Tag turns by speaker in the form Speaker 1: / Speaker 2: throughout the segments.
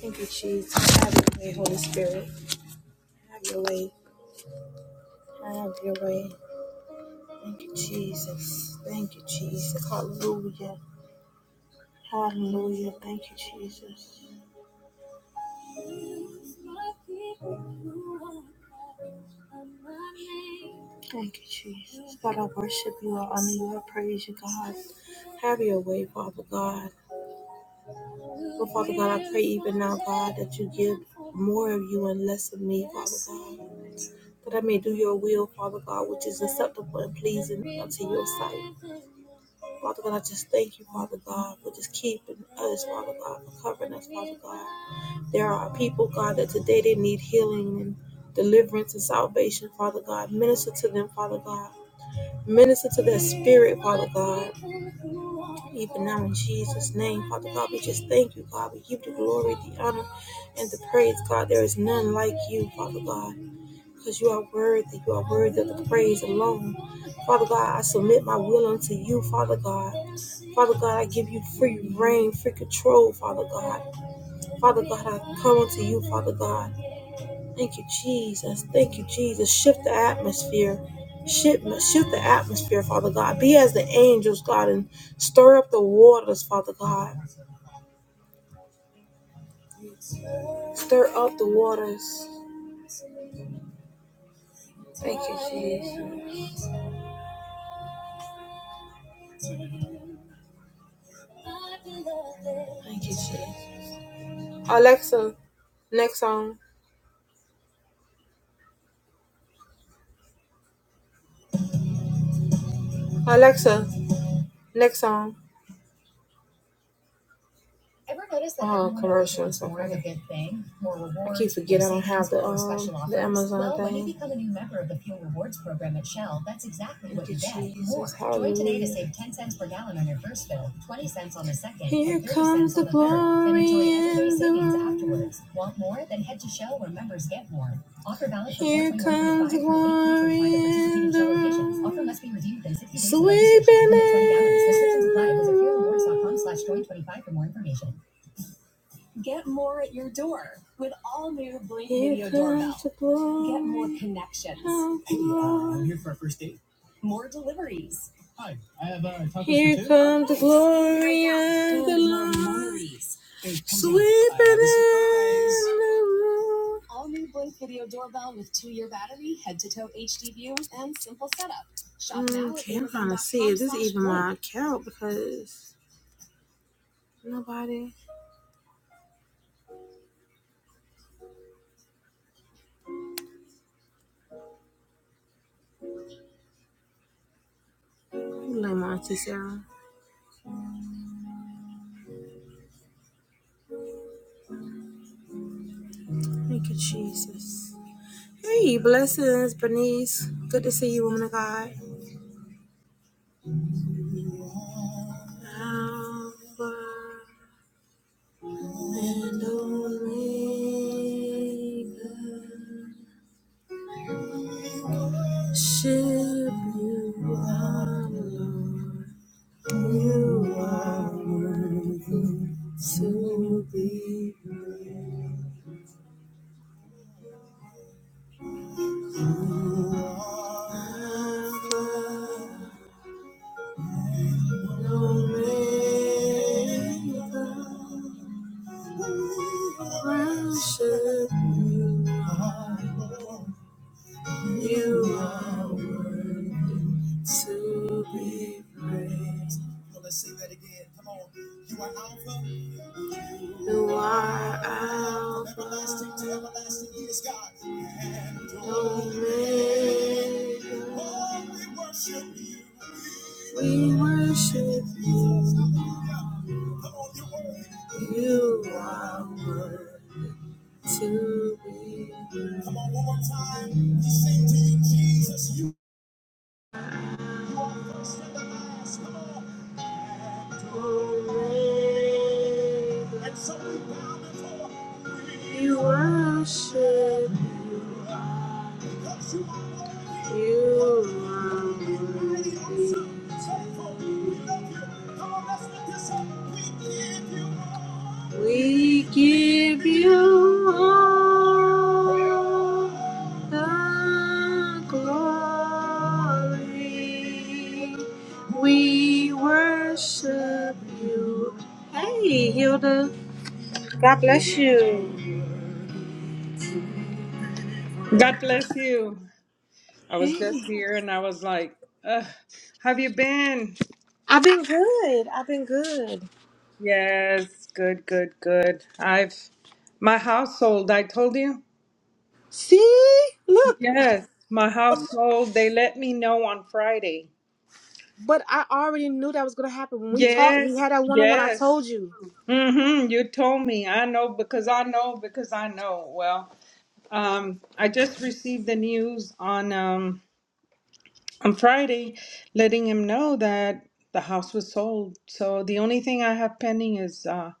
Speaker 1: Thank you, Jesus. Have your way, Holy Spirit. Have your way. Have your way. Thank you, Jesus. Thank you, Jesus. Hallelujah. Hallelujah. Thank you, Jesus. Thank you, Jesus. God, I worship you. I honor you. I praise you, God. Have your way, Father God. God, that you give more of you and less of me, God. That I may do your will, Father God, which is acceptable and pleasing. to you. Father God, I just thank you, Father God, for just keeping us, Father God, for covering us, Father God. There are people, God, that today they need healing and deliverance and salvation, Father God. Minister to them, Father God. Minister to their spirit, Father God. Even now in Jesus' name, Father God, we just thank you, God. We give the glory, the honor, and the praise, God. There is none like you, Father God. Because you are worthy. You are worthy of the praise alone. Father God, I submit my will unto you, Father God. Father God, I give you free reign, free control, Father God. Father God, I come unto you, Father God. Thank you, Jesus. Thank you, Jesus. Shift the atmosphere. Shift, shift the atmosphere, Father God. Be as the angels, God, and stir up the waters, Father God. Stir up the waters. Thank you, Jesus. Alexa, next song. Alexa, next song. Ever notice that uh, commercial or a good thing? More rewards, I keep forgetting I don't have the um the Amazon Well, thing. when you thing. become a new member of the Fuel Rewards program at Shell, that's exactly what you, get. More. Join today to save 10 cents per gallon on your first bill, 20 cents on the second, Here and comes the the glory everyday afterwards. Want more? Then head to Shell where members get more. Offer valid from Here comes the glory Time the Offer must be redeemed in 60 days Sleeping Limit 20 gallons. Restrictions apply. Visit in the slash room. join 25 for more information. Get more at your door with all new Blink Video Doorbell. Get more connections. Hey, uh, I'm here for our first date. More deliveries. Hi, I have uh, tacos Here comes the glory of the light. memories. in the Sweet All new Blink Video Doorbell with two-year battery, head-to-toe HD view, and simple setup. Shop now. Okay, at I'm trying to see if this is even my account because nobody. You lame auntie Sarah. Thank you, Jesus. Hey, blessings, Bernice. Good to see you, woman of God. Alpha and Omega. Ship you are Lord. You are worthy to be Alpha and Omega. Worship you. are Lord. You are to be praised. Well, let's sing that again. Come on. You are Alpha. You are Alpha. From everlasting to everlasting, He is God. And Omega. Oh, we worship you. We worship you. Hallelujah. Come on, you're worthy. Come on, one more time. We sing to you, Jesus. You are first and the last. Come on. And so we bow before you. We give you all the glory. We worship you. Hey, Hilda. God bless you.
Speaker 2: God bless you. I was just here and I was like, Ugh, have you been?
Speaker 1: I've been good. I've been good.
Speaker 2: Yes, good, good, good. I've my household, I told you.
Speaker 1: See? Look.
Speaker 2: Yes, my household, they let me know on Friday.
Speaker 1: But I already knew that was gonna happen. When we talked, we
Speaker 2: Yes,
Speaker 1: had that one on one. I
Speaker 2: yes.
Speaker 1: told you
Speaker 2: Mm-hmm. You told me. I know because I know because I know. Well, um, I just received the news on um on Friday, letting him know that the house was sold. So the only thing I have pending is uh,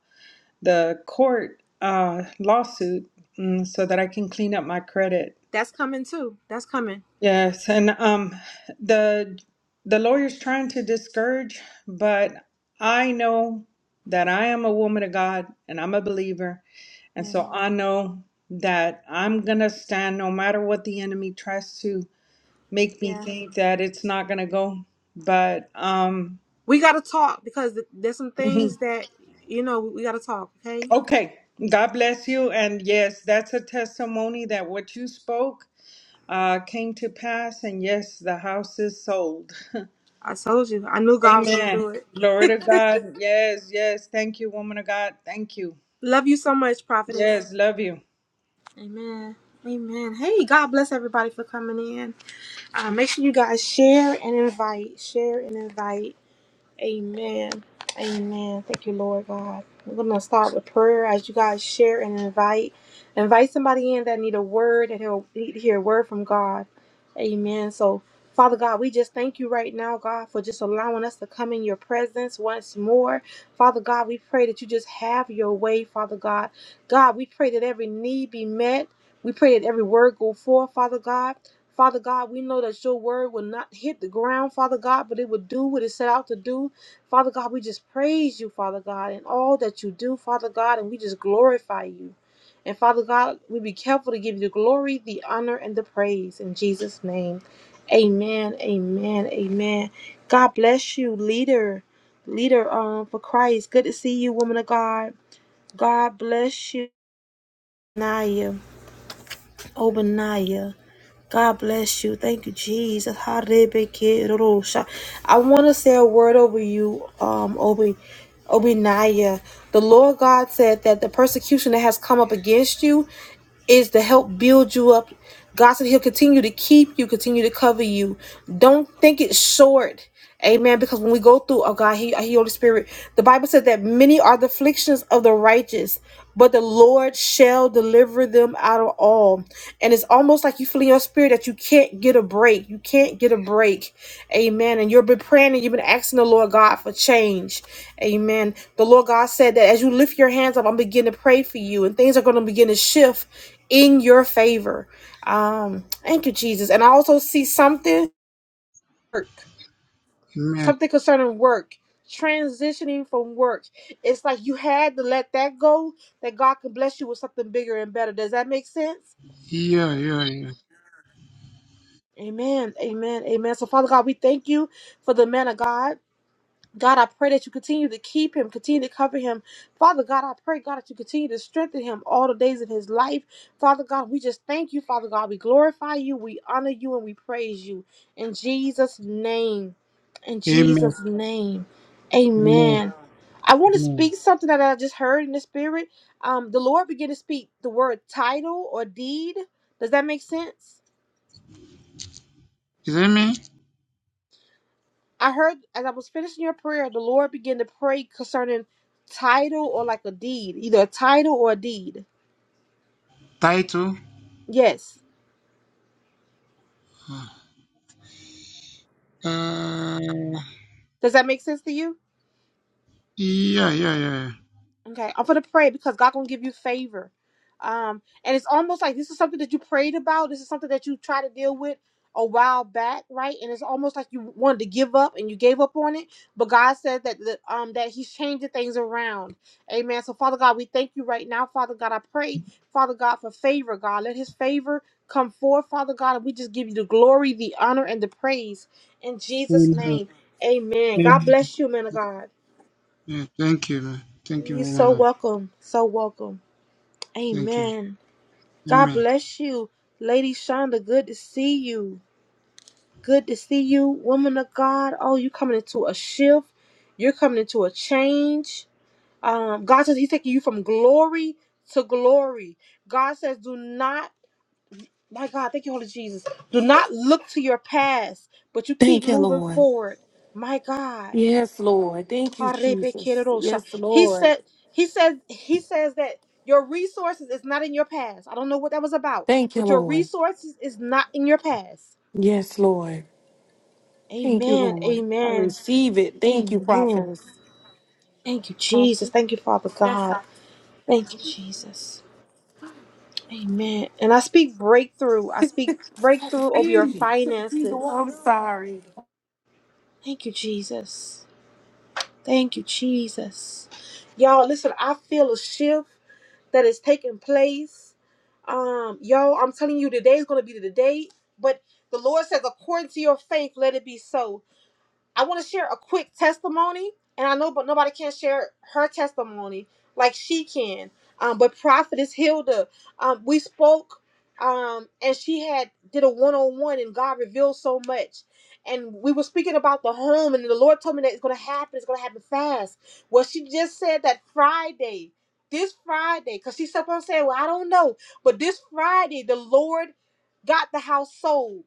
Speaker 2: the court uh, lawsuit, mm, so that I can clean up my credit.
Speaker 1: that's coming too. That's coming.
Speaker 2: Yes, and um, the the lawyer's trying to discourage, but I know that I am a woman of God and I'm a believer, and so I know that I'm gonna stand no matter what the enemy tries to make me
Speaker 1: Yeah,
Speaker 2: think that it's not going to go. But um,
Speaker 1: we got because th- there's some things that you know. Okay,
Speaker 2: okay, God bless you. And yes, that's a testimony that what you spoke uh, came to pass. And yes, the house is sold.
Speaker 1: I told you. I knew God was gonna do
Speaker 2: Amen.
Speaker 1: it.
Speaker 2: Glory to God. Yes, yes. Thank you, woman of God. Thank you.
Speaker 1: Love you so much, prophetess.
Speaker 2: Yes, love you.
Speaker 1: Amen. Amen. Hey, God bless everybody for coming in. Uh, make sure you guys share and invite. Share and invite. Amen. Amen. Thank you, Lord God. We're gonna start with prayer as you guys share and invite. Invite somebody in that need a word and he'll need to hear a word from God. Amen. So Father God, we just thank you right now, God, for just allowing us to come in your presence once more. Father God, we pray that you just have your way, Father God. God, we pray that every need be met. We pray that every word go forth, Father God. Father God, we know that your word will not hit the ground, Father God, but it will do what it set out to do. Father God, we just praise you, Father God, in all that you do, Father God, and we just glorify you. And Father God, we be careful to give you the glory, the honor, and the praise in Jesus' name. Amen. Amen. Amen. God bless you, leader, leader um, for Christ. Good to see you, woman of God. God bless you, Naya, Obadiah. God bless you. Thank you, Jesus. Harebekerosha. I want to say a word over you, um, Obi, Obinaya. The Lord God said that the persecution that has come up against you is to help build you up. God said He'll continue to keep you, continue to cover you. Don't think it's short. Amen. Because when we go through, oh God, He, He Holy Spirit, the Bible said that many are the afflictions of the righteous, but the Lord shall deliver them out of all and it's almost like you feel in your spirit that you can't get a break. You can't get a break. Amen. And you've been praying and you've been asking the Lord God for change. Amen. The Lord God said that as you lift your hands up, I'm beginning to pray for you, and things are going to begin to shift in your favor. Um, thank you, Jesus. And I also see something work,
Speaker 3: Amen.
Speaker 1: something concerning work. Transitioning from work, it's like you had to let that go, that God can bless you with something bigger and better. Does that make sense?
Speaker 3: Yeah, yeah, yeah.
Speaker 1: Amen. Amen. Amen. So, Father God, we thank you for the man of God. God, I pray that you continue to keep him, continue to cover him. Father God, I pray, God, that you continue to strengthen him all the days of his life. Father God, we just thank you, Father God. We glorify you, we honor you, and we praise you. In Jesus' name. In
Speaker 3: Amen.
Speaker 1: Jesus' name.
Speaker 3: Amen.
Speaker 1: Amen. I want to
Speaker 3: Amen.
Speaker 1: speak something that I just heard in the spirit. Um, the Lord began to speak the word title or deed. Does that make sense?
Speaker 3: Is it me?
Speaker 1: I heard as I was finishing your prayer, the Lord began to pray concerning title or like a deed, either a title or a deed.
Speaker 3: Title?
Speaker 1: Yes.
Speaker 3: Uh,
Speaker 1: Does that make sense to you?
Speaker 3: yeah, yeah, yeah. yeah.
Speaker 1: Okay. I'm gonna pray because God gonna give you favor. Um, and it's almost like this is something that you prayed about. This is something that you tried to deal with a while back, right? And it's almost like you wanted to give up and you gave up on it. But God said that the, um that He's changing things around. Amen. So Father God, we thank you right now, Father God. I pray, Father God, for favor, God. Let His favor come forth, Father God. And we just give you the glory, the honor, and the praise in Jesus'
Speaker 3: Amen.
Speaker 1: name. Amen. God
Speaker 3: Amen.
Speaker 1: bless you, man of God.
Speaker 3: Yeah, thank you. man. Thank you,
Speaker 1: You're so
Speaker 3: woman. of-
Speaker 1: welcome. So welcome.
Speaker 3: Thank you.
Speaker 1: Amen. God
Speaker 3: Amen.
Speaker 1: bless you, Lady Shonda. Good to see you. Good to see you, woman of God. Oh, you coming into a shift. You're coming into a change. Um, God says He's taking you from glory to glory. God says, do not, my God, thank you, Holy Jesus. Do not look to your past, but you keep
Speaker 4: Thank you,
Speaker 1: moving
Speaker 4: Lord.
Speaker 1: forward. My God.
Speaker 4: Yes, Lord. Thank you, Jesus.
Speaker 1: Harebekerosha.
Speaker 4: Yes,
Speaker 1: He
Speaker 4: Lord.
Speaker 1: said, he says, he says that your resources is not in your past. I don't know what that was about,
Speaker 4: Thank you,
Speaker 1: but your
Speaker 4: Lord.
Speaker 1: resources is not in your past.
Speaker 4: Yes, Lord. Thank you,
Speaker 1: Amen.
Speaker 4: Lord. I
Speaker 1: Amen.
Speaker 4: receive it. Thank you,
Speaker 1: Amen.
Speaker 4: prophetess.
Speaker 1: Thank you, Jesus.
Speaker 4: Prophet.
Speaker 1: Thank you, Father
Speaker 4: Yes,
Speaker 1: God.
Speaker 4: I-
Speaker 1: Thank you, Jesus. Amen. And I speak breakthrough. I speak breakthrough over your finances.
Speaker 4: I'm sorry.
Speaker 1: Thank you, Jesus. Thank you, Jesus. Y'all, listen, I feel a shift. that is taking place. Um, yo, I'm telling you, today is going to be the day. But the Lord says, according to your faith, let it be so. I want to share a quick testimony, and I know, but nobody can share her testimony like she can. Um, but Prophetess Hilda, um, we spoke, um, and she had did a one on one, and God revealed so much. And we were speaking about the home, and the Lord told me that it's going to happen. It's going to happen fast. Well, she just said that Friday, this Friday, because she kept on saying, "Well, I don't know," but this Friday, the Lord got the house sold.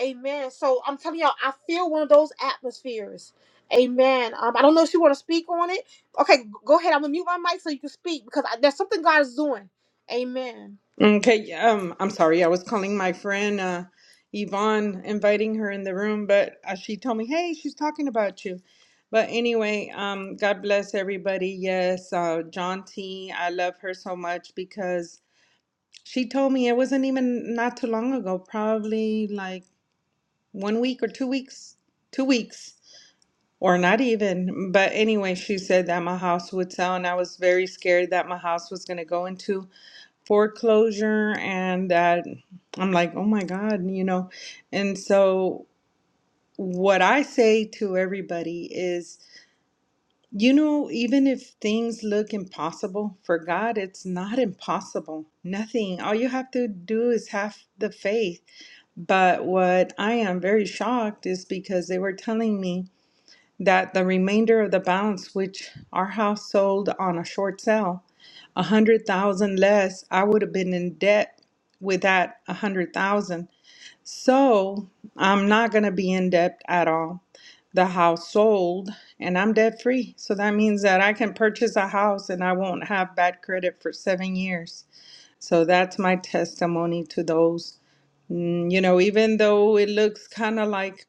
Speaker 1: Amen. So I'm telling y'all, I feel one of those atmospheres. Amen. Um, I don't know if you want to speak on it. Okay, g- go ahead. I'm gonna mute my mic so you can speak because I, there's something God is doing. Amen.
Speaker 2: Okay, um, I'm sorry. I was calling my friend uh, Yvonne, inviting her in the room, but uh, she told me, "Hey, she's talking about you." But anyway, um, God bless everybody. Yes, uh, John T. I love her so much because she told me it wasn't even not too long ago, probably like one week or two weeks, two weeks or not even. But anyway, she said that my house would sell, and I was very scared that my house was going to go into foreclosure and that I'm like, oh my God, you know. And so what I say to everybody is, you know, even if things look impossible for God, it's not impossible. Nothing. All you have to do is have the faith. But what I am very shocked is because they were telling me that the remainder of the balance, which our house sold on a short sale, a hundred thousand less, I would have been in debt with that a hundred thousand. So I'm not gonna be in debt at all. The house sold and I'm debt free. So that means that I can purchase a house and I won't have bad credit for seven years. So that's my testimony to those. Mm, You know, even though it looks kind of like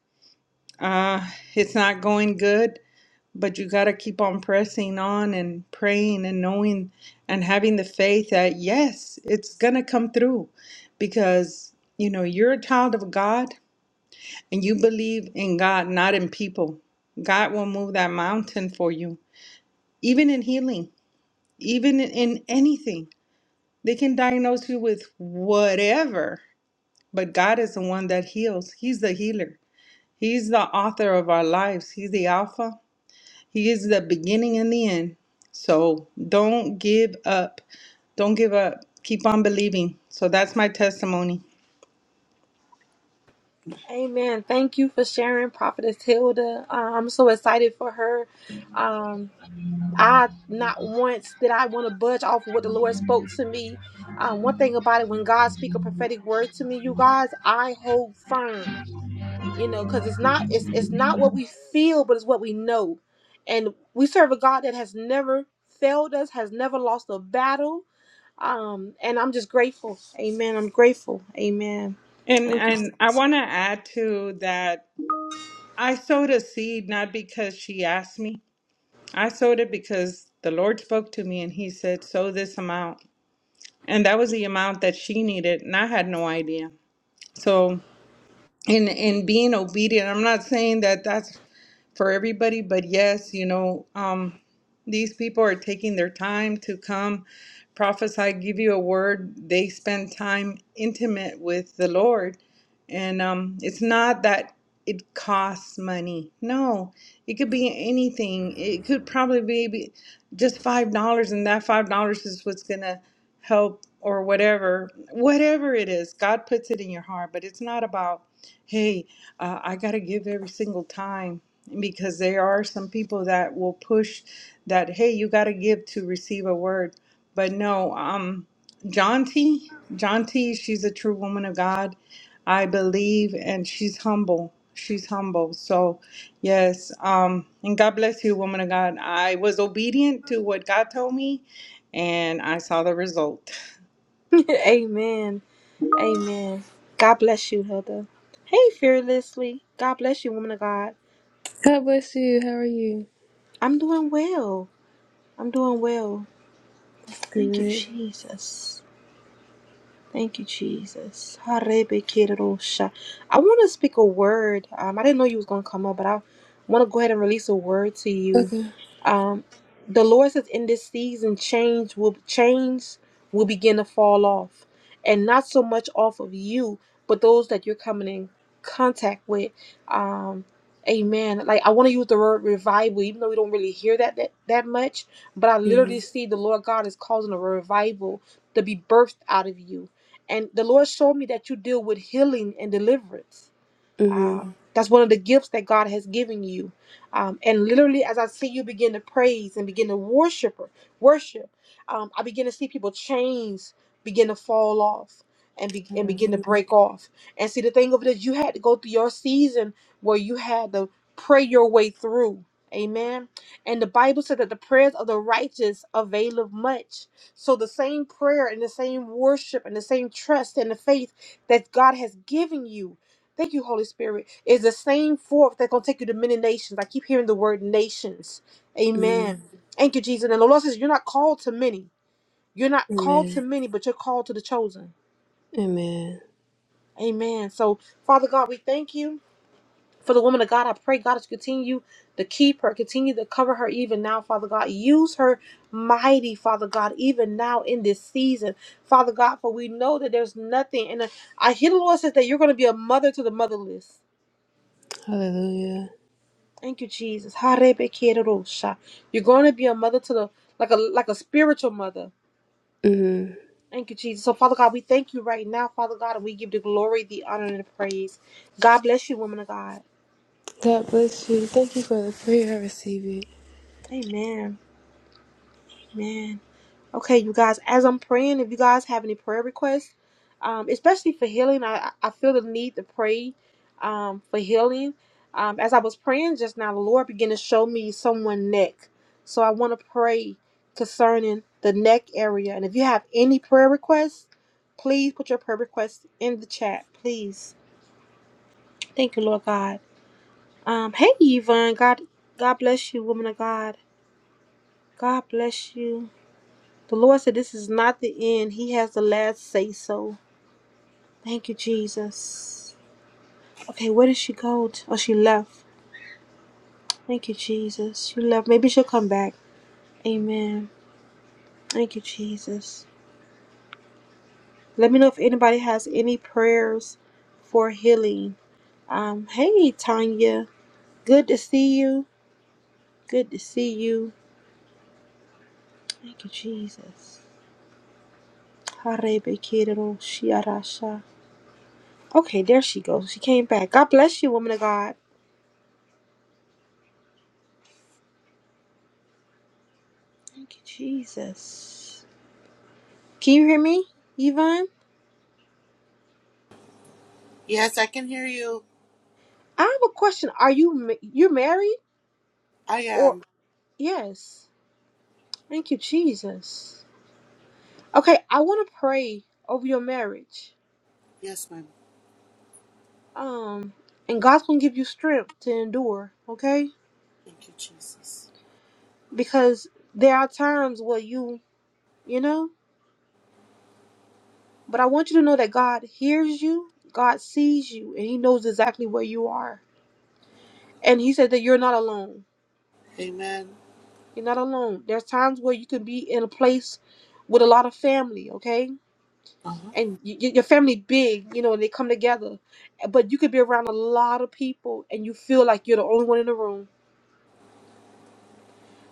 Speaker 2: uh, it's not going good, but you got to keep on pressing on and praying and knowing and having the faith that yes it's going to come through because you know you're a child of god and you believe in god not in people god will move that mountain for you even in healing even in anything they can diagnose you with whatever but god is the one that heals he's the healer he's the author of our lives he's the alpha He is the beginning and the end. So don't give up. Don't give up. Keep on believing. So that's my testimony.
Speaker 1: Amen. Thank you for sharing, Prophetess Hilda. Uh, I'm so excited for her. Um, I not once did I want to budge off of what the Lord spoke to me. Um, one thing about it, when God speak a prophetic word to me, you guys, I hold firm you know because it's not it's it's not what we feel but it's what we know and we serve a god that has never failed us has never lost a battle um and i'm just grateful amen i'm grateful amen
Speaker 2: And
Speaker 1: thank you
Speaker 2: and I
Speaker 1: Jesus.
Speaker 2: want to add to that I sowed a seed not because she asked me. I sowed it because the Lord spoke to me and he said sow this amount. And that was the amount that she needed and I had no idea. So in in being obedient, I'm not saying that that's for everybody. But yes, you know, um, these people are taking their time to come prophesy, give you a word. They spend time intimate with the Lord. And um, it's not that it costs money. No, it could be anything. It could probably be be just $5, and that $5 is what's going to help or whatever. Whatever it is, God puts it in your heart. But it's not about, hey, uh, I got to give every single time because there are some people that will push that hey you got to give to receive a word but no um john t john t she's a true woman of god i believe and she's humble she's humble so yes um and god bless you woman of god i was obedient to what god told me and i saw the result
Speaker 1: amen amen god bless you Hilda. hey fearlessly god bless you woman of god
Speaker 5: God bless you. How are you?
Speaker 1: i'm doing well i'm doing well
Speaker 5: That's
Speaker 1: thank you
Speaker 5: good.
Speaker 1: jesus Thank you, Jesus. Harebekerosha. I want to speak a word. Um, I didn't know you was going to come up, but I want to go ahead and release a word to you.
Speaker 5: Okay.
Speaker 1: Um, the Lord says in this season, change will chains will begin to fall off, and not so much off of you, but those that you're coming in contact with. Um, amen. Like I want to use the word revival, even though we don't really hear that that, that much, but I literally
Speaker 5: Mm-hmm.
Speaker 1: see the Lord God is causing a revival to be birthed out of you and the Lord showed me that you deal with healing and deliverance.
Speaker 5: Mm-hmm.
Speaker 1: Um, that's one of the gifts that God has given you. Um, and literally, as I see you begin to praise and begin to worship, worship, um, I begin to see people chains begin to fall off and be, and begin to
Speaker 5: Hallelujah.
Speaker 1: break off. And see, the thing of it is, you had to go through your season where you had to pray your way through. Amen. And the Bible said that the prayers of the righteous availeth much. So the same prayer and the same worship and the same trust and the faith that God has given you Thank you, Holy Spirit. Is the same forth that's gonna take you to many nations. I keep hearing the word nations.
Speaker 5: hmm
Speaker 1: Amen. Thank you, Jesus. And the Lord says, You're not called to many. You're not called to
Speaker 5: Amen.
Speaker 1: many, but you're called to the chosen.
Speaker 5: Amen.
Speaker 1: Amen. So, Father God, we thank you for the woman of God. I pray, God, that you continue to keep her, continue to cover her even now, Father God. Use her mighty, Father God, even now in this season, Father God, for we know that there's nothing. And I hear the Lord says that you're going to be a mother to the motherless.
Speaker 5: Hallelujah.
Speaker 1: Thank you, Jesus. Harebekerosha. You're going to be a mother to the like a like a spiritual mother.
Speaker 5: Mm-hmm.
Speaker 1: Thank you, Jesus. So, Father God, we thank you right now, Father God, and we give the glory, the honor, and the praise. God bless you, woman of God.
Speaker 5: God bless you. Thank you for the prayer. I receive it.
Speaker 1: Amen. Amen. Okay, you guys, as I'm praying, if you guys have any prayer requests, um, especially for healing, I, I feel the need to pray um, for healing. Um, as I was praying just now, the Lord began to show me someone' neck. So I want to pray concerning the neck area. And if you have any prayer requests, please put your prayer requests in the chat, please. Thank you, Lord God. Um, hey, Yvonne, God, God bless you, woman of God. God bless you. The Lord said, This is not the end. He has the last say so. Thank you, Jesus. Okay, where did she go? To? Oh, she left. Thank you, Jesus. She left. Maybe she'll come back. Amen. Thank you, Jesus. Let me know if anybody has any prayers for healing. Um, hey, Tanya. Good to see you. Good to see you. Thank you, Jesus. Harebekirero shiarasha. Okay, there she goes. She came back. God bless you, woman of God. Thank you, Jesus. Can you hear me, Yvonne?
Speaker 6: Yes, I can hear you.
Speaker 1: I have a question. Are you ma- you're married
Speaker 6: I
Speaker 1: or
Speaker 6: am.
Speaker 1: yes? Thank you, Jesus. Okay, I want to pray over your marriage.
Speaker 6: Yes, ma'am.
Speaker 1: Um, and God's gonna give you strength to endure. Okay,
Speaker 6: Thank you, Jesus.
Speaker 1: because there are times where you you know, but I want you to know that God hears you, God sees you, and He knows exactly where you are. And He said that you're not alone.
Speaker 6: Amen.
Speaker 1: You're not alone. There's times where you could be in a place with a lot of family, okay?
Speaker 6: Uh-huh.
Speaker 1: And y- y- your family big, you know, and they come together. But you could be around a lot of people and you feel like you're the only one in the room.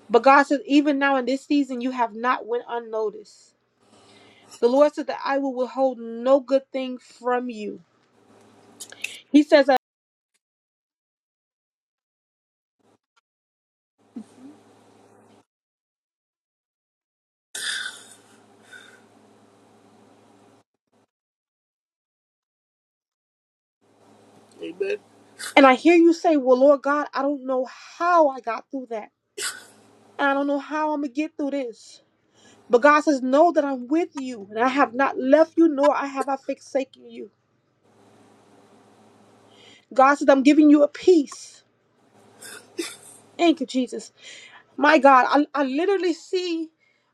Speaker 1: But God says, even now in this season, you have not went unnoticed. The Lord said that I will withhold no good thing from you. He says that,
Speaker 6: Amen.
Speaker 1: and I hear you say, well, Lord God, I don't know how I got through that. I don't know how I'm going to get through this. But God says, Know that I'm with you, and I have not left you, nor I have I forsaken you. God says, I'm giving you a peace. Thank you, Jesus. My God, I, I literally see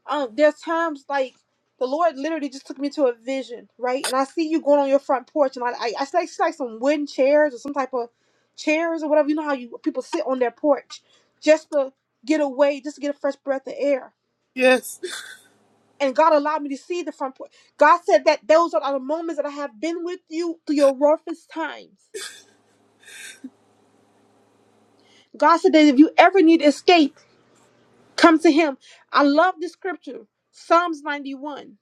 Speaker 1: um there's times like the Lord literally just took me to a vision, right? And I see you going on your front porch, and I I, I see like, see like some wooden chairs or some type of chairs or whatever. You know how you people sit on their porch just to get away, just to get a fresh breath of air
Speaker 6: Yes.
Speaker 1: and God allowed me to see the front porch. God said that those are the moments that I have been with you through your roughest times. God said that if you ever need escape, come to Him. I love this scripture, Psalms 91.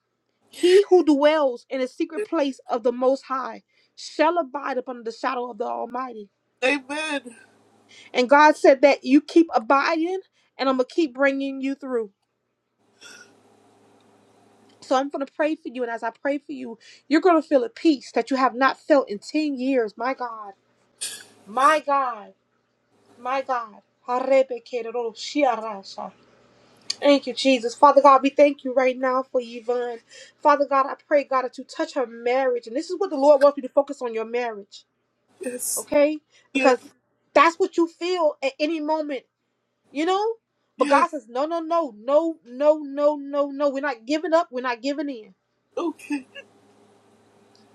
Speaker 1: He who dwells in the secret place of the Most High shall abide upon the shadow of the Almighty.
Speaker 6: Amen.
Speaker 1: And God said that you keep abiding, and I'm going to keep bringing you through. So I'm going to pray for you. And as I pray for you, you're going to feel a peace that you have not felt in 10 years. My God. My God. My God. Thank you, Jesus. Father God, we thank you right now for Yvonne. Father God, I pray, God, that you touch her marriage. And this is what the Lord wants you to focus on your marriage,
Speaker 6: Yes.
Speaker 1: okay?
Speaker 6: Yes.
Speaker 1: Because that's what you feel at any moment, you know? But
Speaker 6: Yes.
Speaker 1: God says, no, no, no, no, no, no, no, no. We're not giving up. We're not giving in.
Speaker 6: Okay.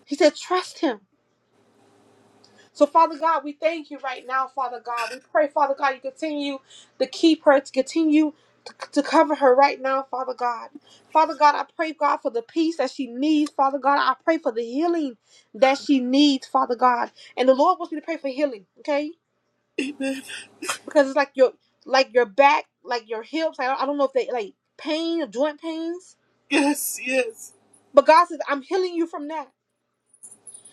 Speaker 1: He said, trust him. So, Father God, we thank you right now, Father God. We pray, Father God, you continue to keep her, to continue to, to cover her right now, Father God. Father God, I pray, God, for the peace that she needs, Father God. I pray for the healing that she needs, Father God. And the Lord wants me to pray for healing, okay?
Speaker 6: Amen.
Speaker 1: Because it's like your like your back, like your hips. I don't, I don't know if they like pain, joint pains.
Speaker 6: Yes. Yes.
Speaker 1: But God says, I'm healing you from that.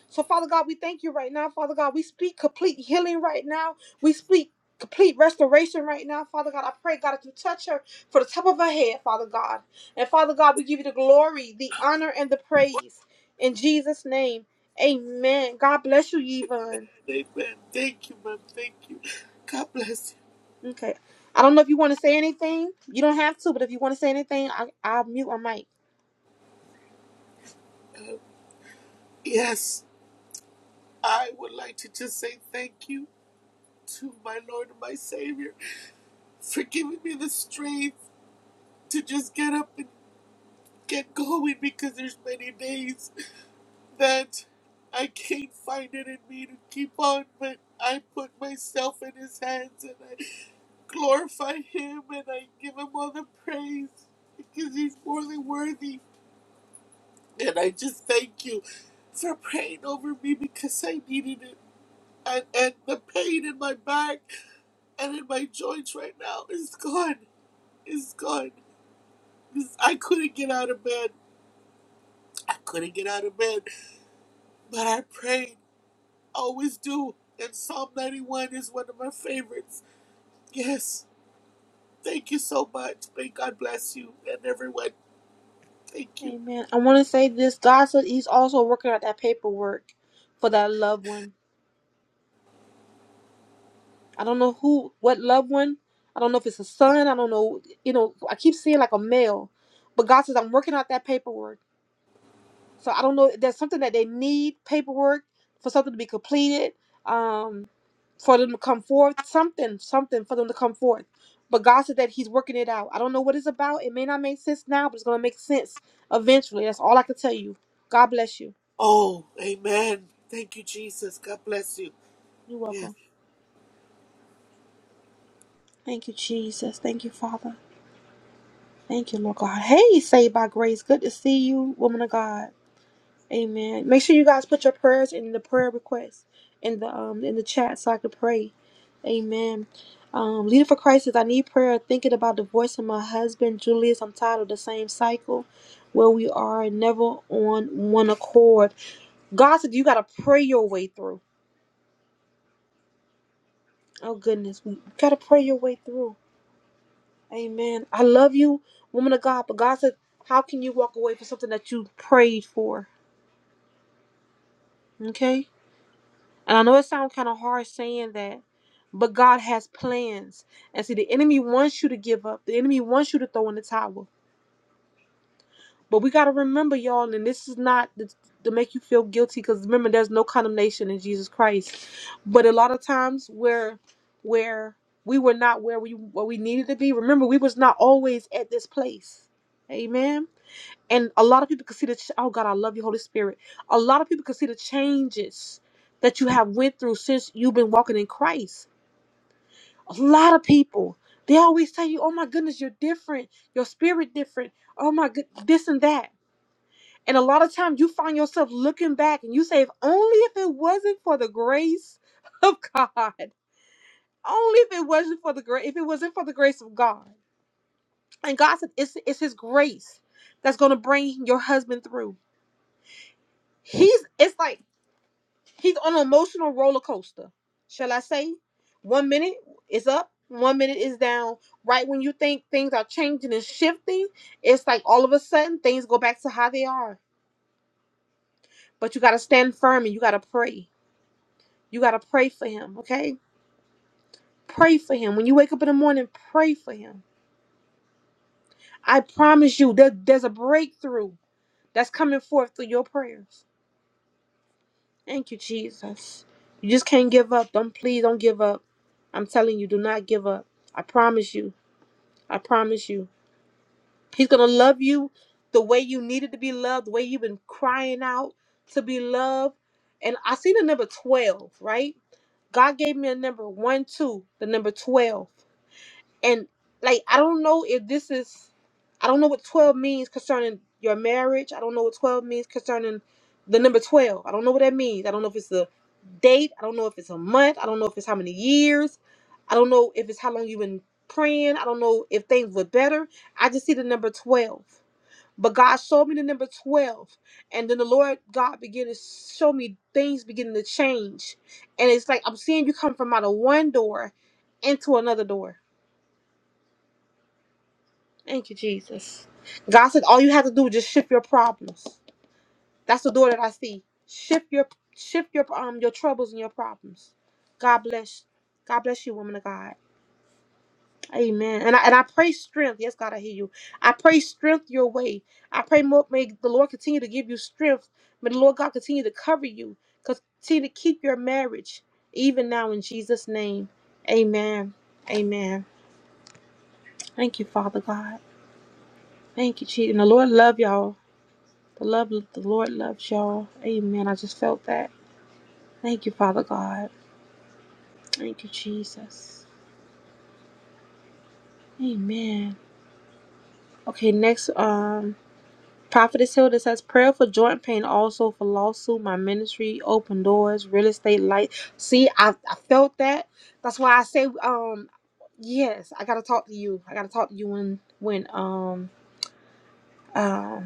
Speaker 1: So, Father God, we thank you right now. Father God, we speak complete healing right now. We speak complete restoration right now. Father God, I pray, God, that you touch her for the top of her head, Father God. And Father God, we give you the glory, the honor, and the praise. In Jesus' name, amen. God bless you, Yvonne.
Speaker 6: Amen. Thank you, ma'am. Thank you. God bless you.
Speaker 1: Okay. I don't know if you want to say anything. You don't have to, but if you want to say anything, I, I'll mute my mic.
Speaker 6: Yes. I would like to just say thank you to my Lord and my Savior for giving me the strength to just get up and get going because there's many days that I can't find it in me to keep on, but I put myself in his hands and I glorify him and I give him all the praise because he's more than worthy. And I just thank you for praying over me because I needed it. And, and the pain in my back and in my joints right now is gone. Is gone. 'Cause I couldn't get out of bed. I couldn't get out of bed. But I prayed. always do. And Psalm 91 is one of my favorites. Yes. Thank you so much. May God bless you and everyone. Thank you.
Speaker 1: Amen. I want to say this. God said He's also working out that paperwork for that loved one. I don't know who, what loved one. I don't know if it's a son. I don't know. You know, I keep seeing like a male, but God says I'm working out that paperwork. So I don't know. if There's something that they need paperwork for something to be completed, um, for them to come forth. Something, something for them to come forth. But God said that He's working it out. I don't know what it's about. It may not make sense now, but it's gonna make sense eventually. That's all I can tell you. God bless you.
Speaker 6: Oh, amen. Thank you, Jesus. God bless you.
Speaker 1: You're
Speaker 6: Yes.
Speaker 1: welcome. Thank you, Jesus. Thank you, Father. Thank you, Lord God. Hey, saved by grace. Good to see you, woman of God. Amen. Make sure you guys put your prayers in the prayer request in the um in the chat so I can pray. Amen. Um, leading for Christ says, I need prayer. Thinking about the voice of my husband, Julius. I'm tired of the same cycle where we are never on one accord. God said, You got to pray your way through. Oh, goodness. You got to pray your way through. Amen. I love you, woman of God. But God said, How can you walk away from something that you prayed for? Okay. And I know it sounds kind of hard saying that But God has plans. And see, the enemy wants you to give up. The enemy wants you to throw in the towel. But we got to remember, y'all, and this is not th- to make you feel guilty because remember, there's no condemnation in Jesus Christ. But a lot of times where, where we were not where we what we needed to be. Remember, we was not always at this place. Amen. And a lot of people can see the ch- oh God, I love you, Holy Spirit. A lot of people can see the changes that you have went through since you've been walking in Christ a lot of people they always tell you oh my goodness you're different your spirit different oh my good this and that and a lot of times you find yourself looking back and you say if only if it wasn't for the grace of god only if it wasn't for the grace if it wasn't for the grace of god and god said it's, it's his grace that's going to bring your husband through he's it's like He's on an emotional roller coaster. Shall I say? One minute is up, one minute is down. Right when you think things are changing and shifting, it's like all of a sudden things go back to how they are. But you got to stand firm and you got to pray. You got to pray for him, okay? Pray for him. When you wake up in the morning, pray for him. I promise you, there, there's a breakthrough that's coming forth through your prayers. Thank you, Jesus. You just can't give up. Don't please don't give up. I'm telling you, do not give up. I promise you. I promise you. He's going to love you the way you needed to be loved, the way you've been crying out to be loved. And I see the number 12, right? God gave me a number one, two, the number 12 and like I don't know if this is I don't know what 12 means concerning your marriage. I don't know what 12 means concerning the number 12. I don't know what that means. I don't know if it's a date. I don't know if it's a month. I don't know if it's how many years. I don't know if it's how long you've been praying. I don't know if things were better. I just see the number 12. But God showed me the number 12. And then the Lord God began to show me things beginning to change. And it's like I'm seeing you come from out of one door into another door Thank you, Jesus. God said all you have to do is just shift your problems. That's the door that I see. Shift your shift your um your troubles and your problems. God bless. God bless you, woman of God. Amen. And I, and I pray strength. Yes, God, I hear you. I pray strength your way. I pray more, may the Lord continue to give you strength. May the Lord God continue to cover you. Continue to keep your marriage even now in Jesus' name. Amen. Amen. Thank you, Father God. Thank you, Jesus. And the Lord love y'all. The love of the Lord loves y'all. Amen. I just felt that. Thank you, Father God. Thank you, Jesus. Amen. Okay, next, um, Prophetess Hilda says, prayer for joint pain, also for lawsuit, my ministry, open doors, real estate, light. See, I, I felt that. That's why I say, um, yes, I gotta talk to you. I gotta talk to you when, when, um, um,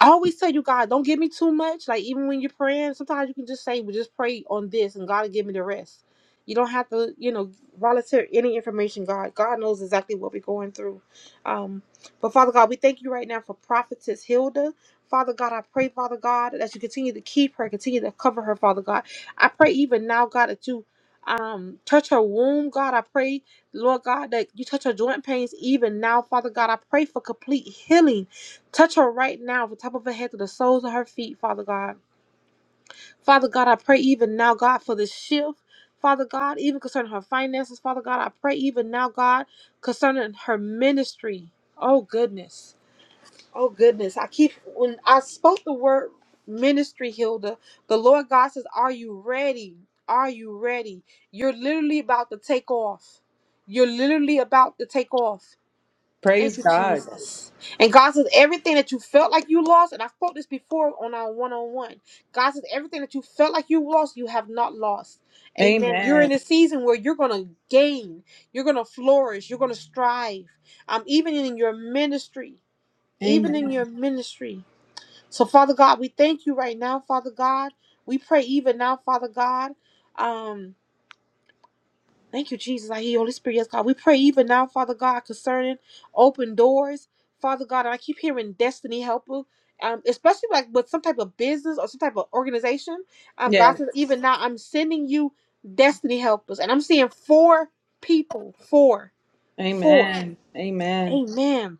Speaker 1: I always tell you, God, don't give me too much. Like even when you're praying, sometimes you can just say, "Well, just pray on this," and God will give me the rest. You don't have to, you know, volunteer any information. God, God knows exactly what we're going through. Um, but Father God, we thank you right now for prophetess Hilda. Father God, I pray, Father God, that you continue to keep her, continue to cover her, Father God. I pray even now, God, that you um touch her womb, God. I pray, Lord God, that you touch her joint pains even now, Father God. I pray for complete healing. Touch her right now from the top of her head to the soles of her feet, Father God. Father God, I pray even now, God, for the shift. Father God, even concerning her finances, Father God, I pray even now, God, concerning her ministry. Oh goodness. Oh goodness. I keep when I spoke the word ministry, Hilda, the Lord God says, Are you ready? Are you ready? You're literally about to take off. You're literally about to take off.
Speaker 2: praise
Speaker 1: Thank you,
Speaker 2: god
Speaker 1: Jesus. And God says everything that you felt like you lost, and I spoke this before on our one-on-one. God says everything that you felt like you lost, you have not lost. Amen. You're
Speaker 2: amen
Speaker 1: in a season where you're gonna gain, you're gonna flourish, you're gonna strive. Um, even in your ministry, even
Speaker 2: amen
Speaker 1: in your ministry. So, Father God, we thank you right now, Father God. We pray even now, Father God. um. Thank you, Jesus. I hear your Holy Spirit. Yes, God. We pray even now, Father God, concerning open doors. Father God, and I keep hearing destiny helper. Um, especially like with some type of business or some type of organization. Um, God
Speaker 2: yes
Speaker 1: says, even now I'm sending you destiny helpers. And I'm seeing four people. Four. Four.
Speaker 2: amen amen
Speaker 1: Amen.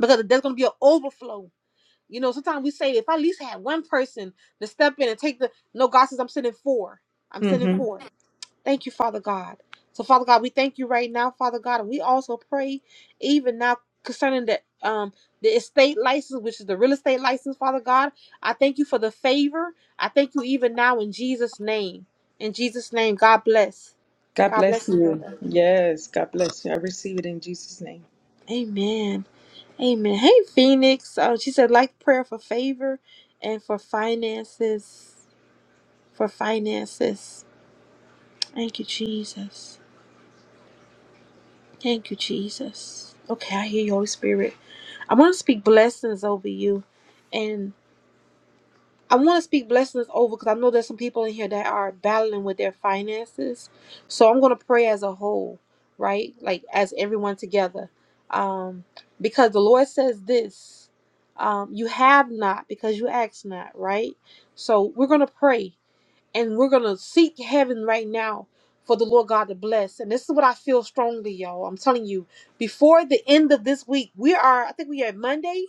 Speaker 1: Because there's gonna be an overflow. You know, sometimes we say if I at least had one person to step in and take the no, God says I'm sending four. I'm sending
Speaker 2: Mm-hmm.
Speaker 1: four. Thank you, Father God. So, Father God, we thank you right now, Father God, and we also pray even now concerning the um the estate license, which is the real estate license, Father God. I thank you for the favor. I thank you even now in Jesus' name. In Jesus' name, God bless.
Speaker 2: God
Speaker 1: God
Speaker 2: bless
Speaker 1: bless you,
Speaker 2: you.
Speaker 1: Heather.
Speaker 2: Yes, God bless you. I receive it in Jesus' name.
Speaker 1: Amen. Amen. Hey, Phoenix. Uh, she said, like prayer for favor and for finances. For finances. Thank you, Jesus. Thank you, Jesus. Okay, I hear you, Holy Spirit. I want to speak blessings over you. And I want to speak blessings over because I know there's some people in here that are battling with their finances. So I'm going to pray as a whole, right? Like as everyone together. Um, because the Lord says this um, you have not because you ask not, right? So we're going to pray and we're going to seek heaven right now for the Lord God to bless. And this is what I feel strongly, y'all. I'm telling you, before the end of this week, we are, I think we are Monday.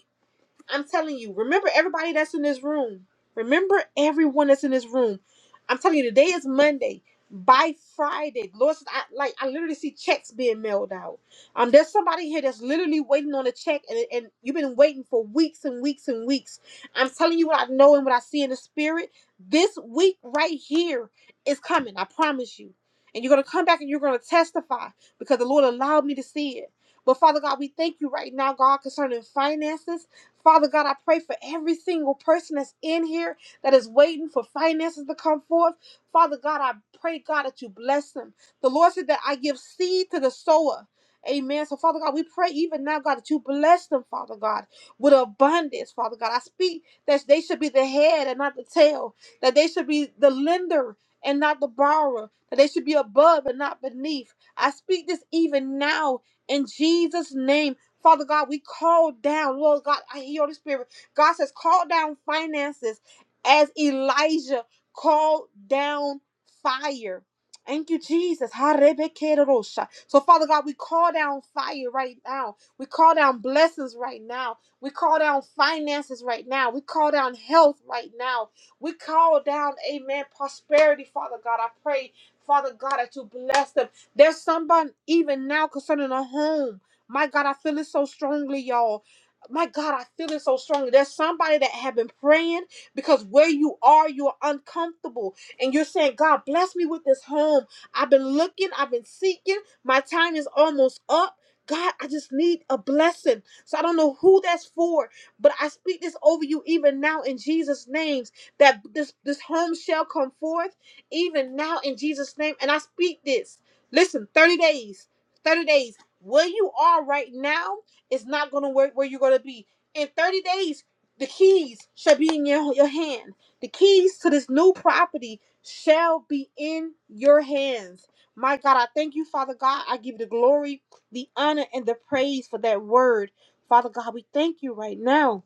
Speaker 1: I'm telling you, remember everybody that's in this room. Remember everyone that's in this room. I'm telling you, today is Monday. By Friday, Lord, I, like I literally see checks being mailed out. Um, there's somebody here that's literally waiting on a check, and, and you've been waiting for weeks and weeks and weeks. I'm telling you what I know and what I see in the spirit. This week right here is coming. I promise you. And you're gonna come back and you're gonna testify because the Lord allowed me to see it. But Father God, we thank you right now, God, concerning finances. Father God, I pray for every single person that's in here that is waiting for finances to come forth. Father God, I pray, God, that you bless them. The Lord said that I give seed to the sower. Amen. So, Father God, we pray even now, God, that you bless them, Father God, with abundance, Father God. I speak that they should be the head and not the tail, that they should be the lender and not the borrower, that they should be above and not beneath. I speak this even now in Jesus' name. Father God, we call down, Lord God, I hear Holy Spirit. God says, call down finances as Elijah called down fire. Thank you, Jesus. Ha-re-be-ke-ro-sha. So, Father God, we call down fire right now. We call down blessings right now. We call down finances right now. We call down health right now. We call down, amen, prosperity, Father God. I pray, Father God, that you bless them. There's somebody even now concerning a home. My God, I feel it so strongly, y'all. My God, I feel it so strongly. There's somebody that have been praying because where you are, you're uncomfortable. And you're saying, God, bless me with this home. I've been looking, I've been seeking. My time is almost up. God, I just need a blessing. So I don't know who that's for, but I speak this over you even now in Jesus' names that this, this home shall come forth even now in Jesus' name. And I speak this. Listen, 30 days. 30 days where you are right now is not going to work where you're going to be in 30 days the keys shall be in your, your hand the keys to this new property shall be in your hands my god i thank you father god i give you the glory the honor and the praise for that word father god we thank you right now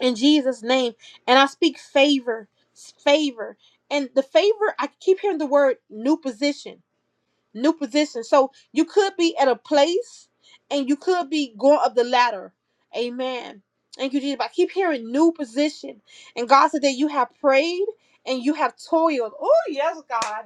Speaker 1: in jesus name and i speak favor favor and the favor i keep hearing the word new position new position. So you could be at a place and you could be going up the ladder. Amen. Thank you, Jesus. I keep hearing new position. And God said that you have prayed and you have toiled. Oh, yes, God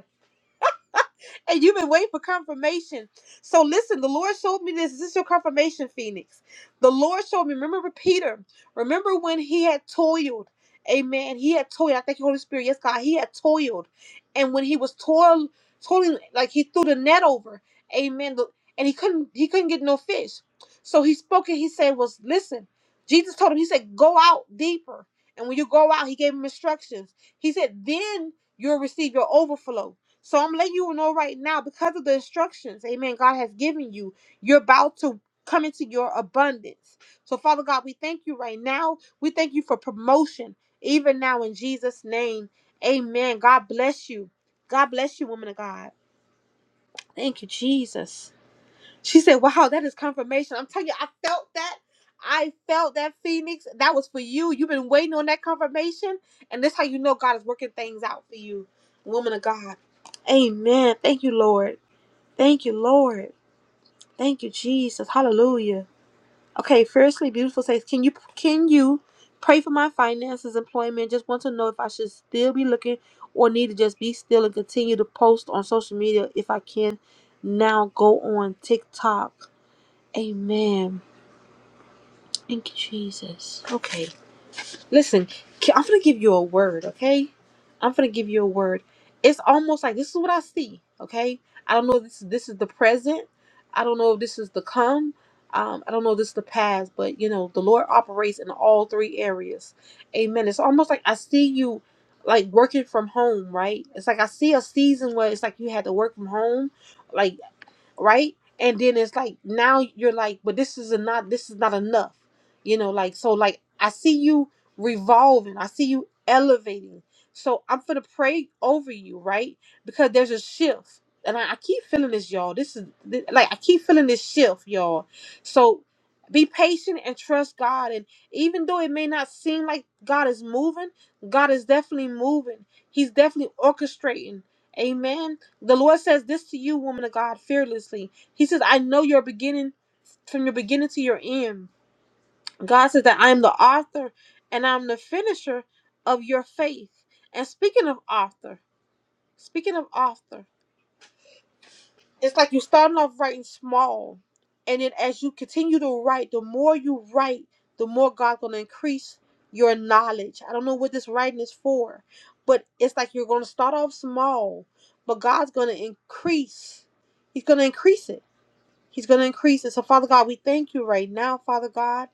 Speaker 1: and you've been waiting for confirmation. So listen, the Lord showed me this. This is your confirmation, Phoenix. The Lord showed me. Remember Peter. Remember when he had toiled. Amen. He had toiled. I thank you, Holy Spirit. Yes, God. He had toiled. And when he was toil, toiling, like he threw the net over. Amen. The- And he couldn't he couldn't get no fish. So he spoke and he said, Was listen, Jesus told him, he said, Go out deeper. And when you go out, he gave him instructions. He said, Then you'll receive your overflow. So I'm letting you know right now, because of the instructions, amen, God has given you, you're about to come into your abundance. So, Father God, we thank you right now. We thank you for promotion, even now in Jesus' name. Amen. God bless you. God bless you, woman of God. Thank you, Jesus. She said, Wow, that is confirmation. I'm telling you, I felt that. I felt that, Phoenix. That was for you. You've been waiting on that confirmation. And that's how you know God is working things out for you, woman of God. Amen. Thank you, Lord. Thank you, Lord. Thank you, Jesus. Hallelujah. Okay, fiercely beautiful says, Can you can you pray for my finances, employment? Just want to know if I should still be looking or need to just be still and continue to post on social media if I can now go on TikTok. Amen. Thank you, Jesus. Okay. Listen, ca- I'm gonna give you a word, okay? I'm gonna give you a word. It's almost like this is what I see. Okay, I don't know. If this this is the present. I don't know if this is the come. Um, I don't know if this is the past, but you know the Lord operates in all three areas. Amen. It's almost like I see you like working from home, right? It's like I see a season where it's like you had to work from home, like right? And then it's like now you're like, but this is not this is not enough, you know. Like so, like I see you revolving, I see you elevating. So I'm gonna pray over you, right? Because there's a shift, and I, I keep feeling this, y'all. This is thi- like I keep feeling this shift, y'all. So be patient and trust God. And even though it may not seem like God is moving, God is definitely moving. He's definitely orchestrating. Amen the Lord says this to you, woman of God, fearlessly. He says, I know your beginning from your beginning to your end. God says that I am the author and I'm the finisher of your faith. And speaking of author, speaking of author, it's like you're starting off writing small. And then as you continue to write, the more you write, the more God's gonna increase your knowledge. I don't know what this writing is for, but it's like you're gonna start off small, but God's gonna increase. He's gonna increase it He's going to increase it. So, Father God, we thank you right now, Father God.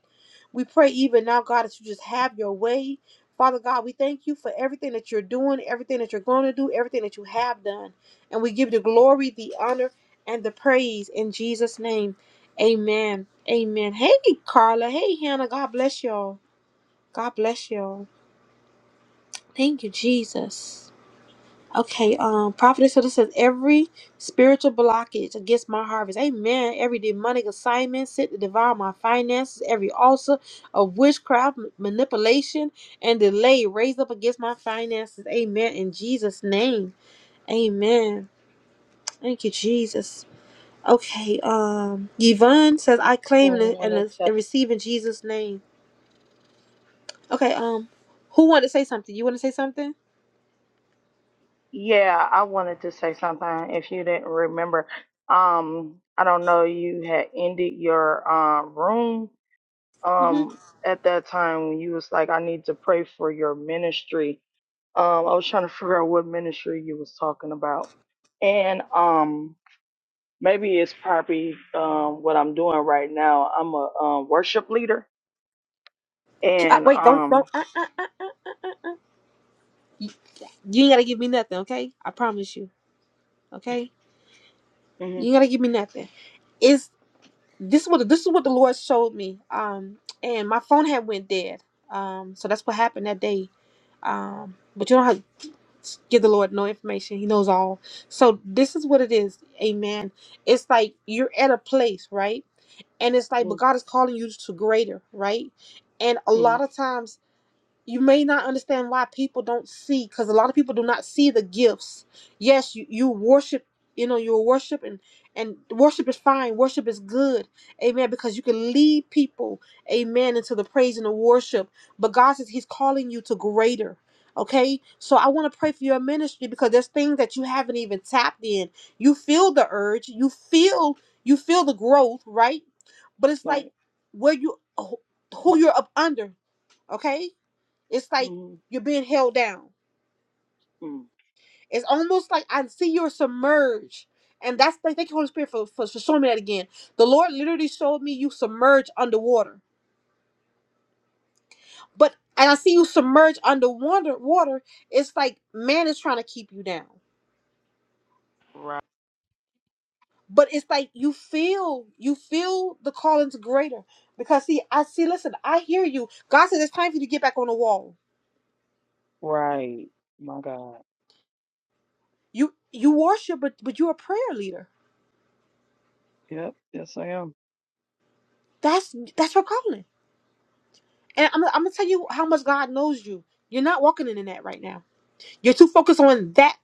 Speaker 1: We pray even now, God, that you just have your way. Father God, we thank you for everything that you're doing, everything that you're going to do, everything that you have done. And we give the glory, the honor, and the praise in Jesus' name. Amen. Amen. Hey, Carla. Hey, Hannah. God bless y'all. God bless y'all. Thank you, Jesus. Okay, um, Prophetess Hilda says every spiritual blockage against my harvest, amen. Every demonic assignment sent to devour my finances, every ulcer of witchcraft, m- manipulation, and delay raised up against my finances, amen. In Jesus' name, amen. Thank you, Jesus. Okay, um, Yvonne says I claim and, and,
Speaker 7: wanted to
Speaker 1: and receive in Jesus' name. Okay, um, who wanted to say something? You want to say something?
Speaker 7: yeah i wanted to say something if you didn't remember um i don't know you had ended your uh, room
Speaker 1: Mm-hmm.
Speaker 7: um at that time when you was like i need to pray for your ministry um i was trying to figure out what ministry you was talking about and um maybe it's probably um what i'm doing right now i'm a um, worship leader
Speaker 1: Uh,
Speaker 7: and
Speaker 1: wait, don't don't.
Speaker 7: um
Speaker 1: You you ain't gotta give me nothing, okay? I promise you. Okay, you
Speaker 7: mhm,
Speaker 1: ain't gotta give me nothing. Is this is what this is what the Lord showed me. Um, and my phone had went dead. Um, so that's what happened that day. Um, but you don't have to give the Lord no information. He knows all. So this is what it is. Amen. It's like you're at a place, right? And it's like, but
Speaker 7: mhm,
Speaker 1: God is calling you to greater, right? And a
Speaker 7: mhm,
Speaker 1: lot of times you may not understand why people don't see because a lot of people do not see the gifts yes you, you worship you know you're worship and and worship is fine worship is good amen because you can lead people amen into the praise and the worship but god says he's calling you to greater okay so i want to pray for your ministry because there's things that you haven't even tapped in you feel the urge you feel you feel the growth right but it's like
Speaker 7: right
Speaker 1: where you who you're up under okay it's like
Speaker 7: mhm,
Speaker 1: you're being held down.
Speaker 7: mhm.
Speaker 1: It's almost like I see you're submerged. And that's like, thank you, Holy Spirit, for, for, for showing me that again. The Lord literally showed me you submerged underwater. But and I see you submerged underwater water, it's like man is trying to keep you down. But it's like you feel, you feel the calling's greater. Because see, I see, listen, I hear you. God says it's time for you to get back on the wall.
Speaker 7: Right. My God.
Speaker 1: You you worship, but but you're a prayer leader.
Speaker 7: Yep. Yes, I am.
Speaker 1: That's that's your calling And I'm, I'm gonna tell you how much God knows you. You're not walking in that right now. You're too focused on that,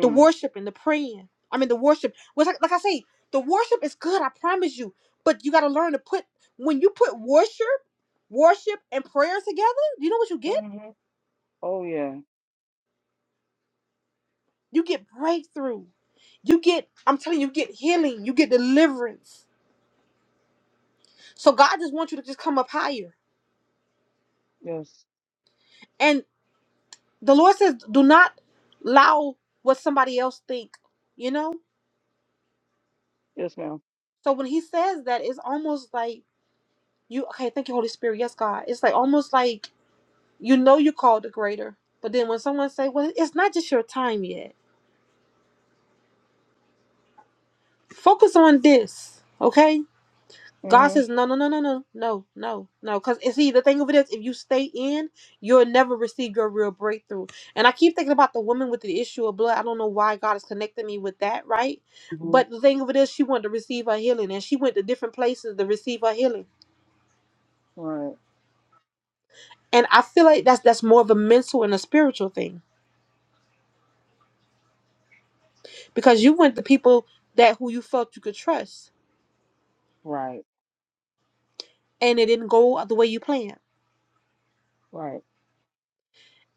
Speaker 1: the worship and the praying. I mean, the worship. Was like, like I say, the worship is good. I promise you. But you got to learn to put when you put worship, worship and prayer together. You know what you get?
Speaker 7: Mm-hmm. Oh, yeah.
Speaker 1: You get breakthrough. You get. I'm telling you, you get healing. You get deliverance. So God just wants you to just come up higher.
Speaker 7: Yes.
Speaker 1: And the Lord says, do not allow what somebody else think. You know.
Speaker 7: Yes, ma'am.
Speaker 1: So when he says that, it's almost like you okay, thank you, Holy Spirit. Yes, God. It's like almost like you know you are called the greater. But then when someone say, Well, it's not just your time yet. Focus on this. Okay? God
Speaker 7: Mm-hmm.
Speaker 1: says, No, no, no, no, no, no, no, no. Cause see the thing of it is if you stay in, you'll never receive your real breakthrough. And I keep thinking about the woman with the issue of blood. I don't know why God has connected me with that, right?
Speaker 7: Mm-hmm.
Speaker 1: But the thing of it is she wanted to receive her healing and she went to different places to receive her healing.
Speaker 7: Right.
Speaker 1: And I feel like that's that's more of a mental and a spiritual thing because you went to people that who you felt you could trust,
Speaker 7: Right.
Speaker 1: and it didn't go out the way you planned.
Speaker 7: Right.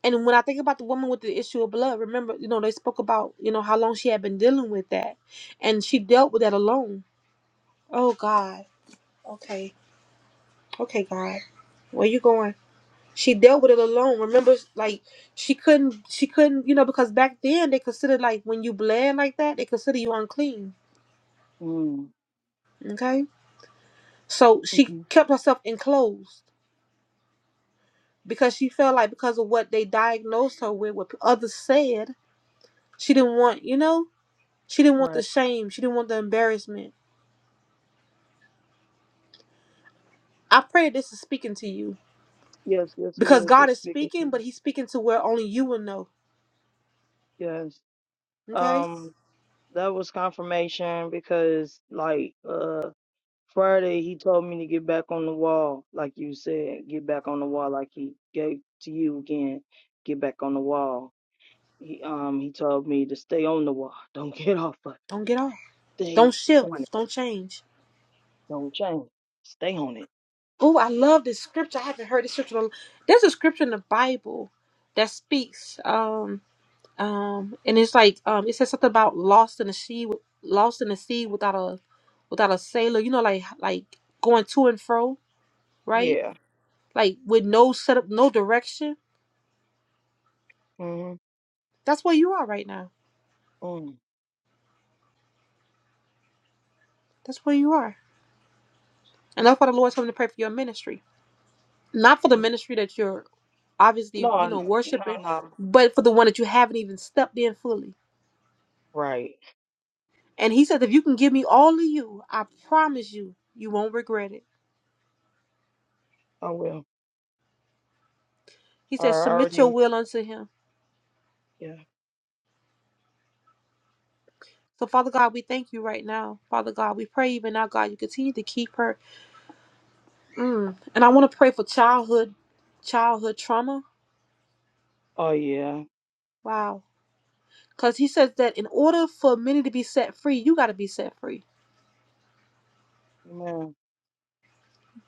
Speaker 1: And when I think about the woman with the issue of blood, remember, you know, they spoke about you know how long she had been dealing with that, and she dealt with that alone. Oh God. Okay. Okay, God. Where you going? She dealt with it alone. Remember, like she couldn't, she couldn't, you know, because back then they considered like when you bled like that, they consider you unclean.
Speaker 7: Mm.
Speaker 1: Okay. So she
Speaker 7: Mm-hmm.
Speaker 1: kept herself enclosed because she felt like because of what they diagnosed her with, what others said, she didn't want, you know, she didn't want the
Speaker 7: Right.
Speaker 1: shame, she didn't want the embarrassment. I pray this is speaking to you
Speaker 7: Yes. Yes, it
Speaker 1: because
Speaker 7: is.
Speaker 1: God
Speaker 7: It's
Speaker 1: is
Speaker 7: speaking to
Speaker 1: speaking,
Speaker 7: me.
Speaker 1: but He's speaking to where only you will know.
Speaker 7: Yes.
Speaker 1: Okay,
Speaker 7: Um, that was confirmation because, like, uh, Friday he told me to get back on the wall, like you said, get back on the wall, like he gave to you again, get back on the wall He um he told me to stay on the wall. Don't get off of it.
Speaker 1: don't get off,
Speaker 7: Stay
Speaker 1: don't
Speaker 7: on
Speaker 1: shift,
Speaker 7: it.
Speaker 1: don't change.
Speaker 7: Don't change. Stay on it.
Speaker 1: Oh, I love this scripture. I haven't heard this scripture. in a- There's a scripture in the Bible that speaks. Um, Um, and it's like um, it says something about lost in the sea, with- lost in the sea without a without a sailor. You know, like like going to and fro, right?
Speaker 7: Yeah.
Speaker 1: Like with no setup, no direction.
Speaker 7: Mhm.
Speaker 1: That's where you are right now.
Speaker 7: Mm.
Speaker 1: That's where you are, and that's why the Lord's coming to pray for your ministry, not for the
Speaker 7: mm.
Speaker 1: ministry that you're obviously
Speaker 7: No,
Speaker 1: you know
Speaker 7: n- no,
Speaker 1: worshiping,
Speaker 7: no.
Speaker 1: but for
Speaker 7: no.
Speaker 1: the one that you haven't even stepped in fully.
Speaker 7: Right.
Speaker 1: And He says, if you can give me all of you, I promise you, you won't regret it.
Speaker 7: I will.
Speaker 1: He
Speaker 7: I
Speaker 1: says, submit your
Speaker 7: already.
Speaker 1: will unto Him
Speaker 7: Yeah.
Speaker 1: So, Father God, we thank you right now. Father God, we pray even now, God, you continue to keep her. Mm. And I want to pray for childhood, childhood trauma.
Speaker 7: Oh yeah.
Speaker 1: Wow. Because he says that in order for many to be set free, you got to be set free.
Speaker 7: Man.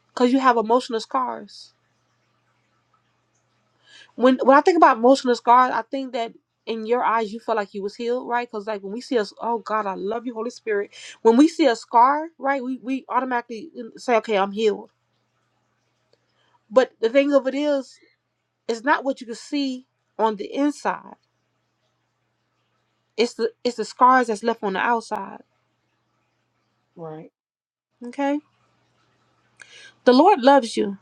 Speaker 1: Because you have emotional scars. When when I think about emotional scars, I think that in your eyes you felt like you was healed, right? Because like when we see us, oh God, I love you, Holy Spirit. When we see a scar, right, we, we automatically mm, say, okay, I'm healed. But the thing of it is, it's not what you can see on the inside. It's the it's the scars that's left on the outside.
Speaker 7: Right.
Speaker 1: Okay? The Lord loves you.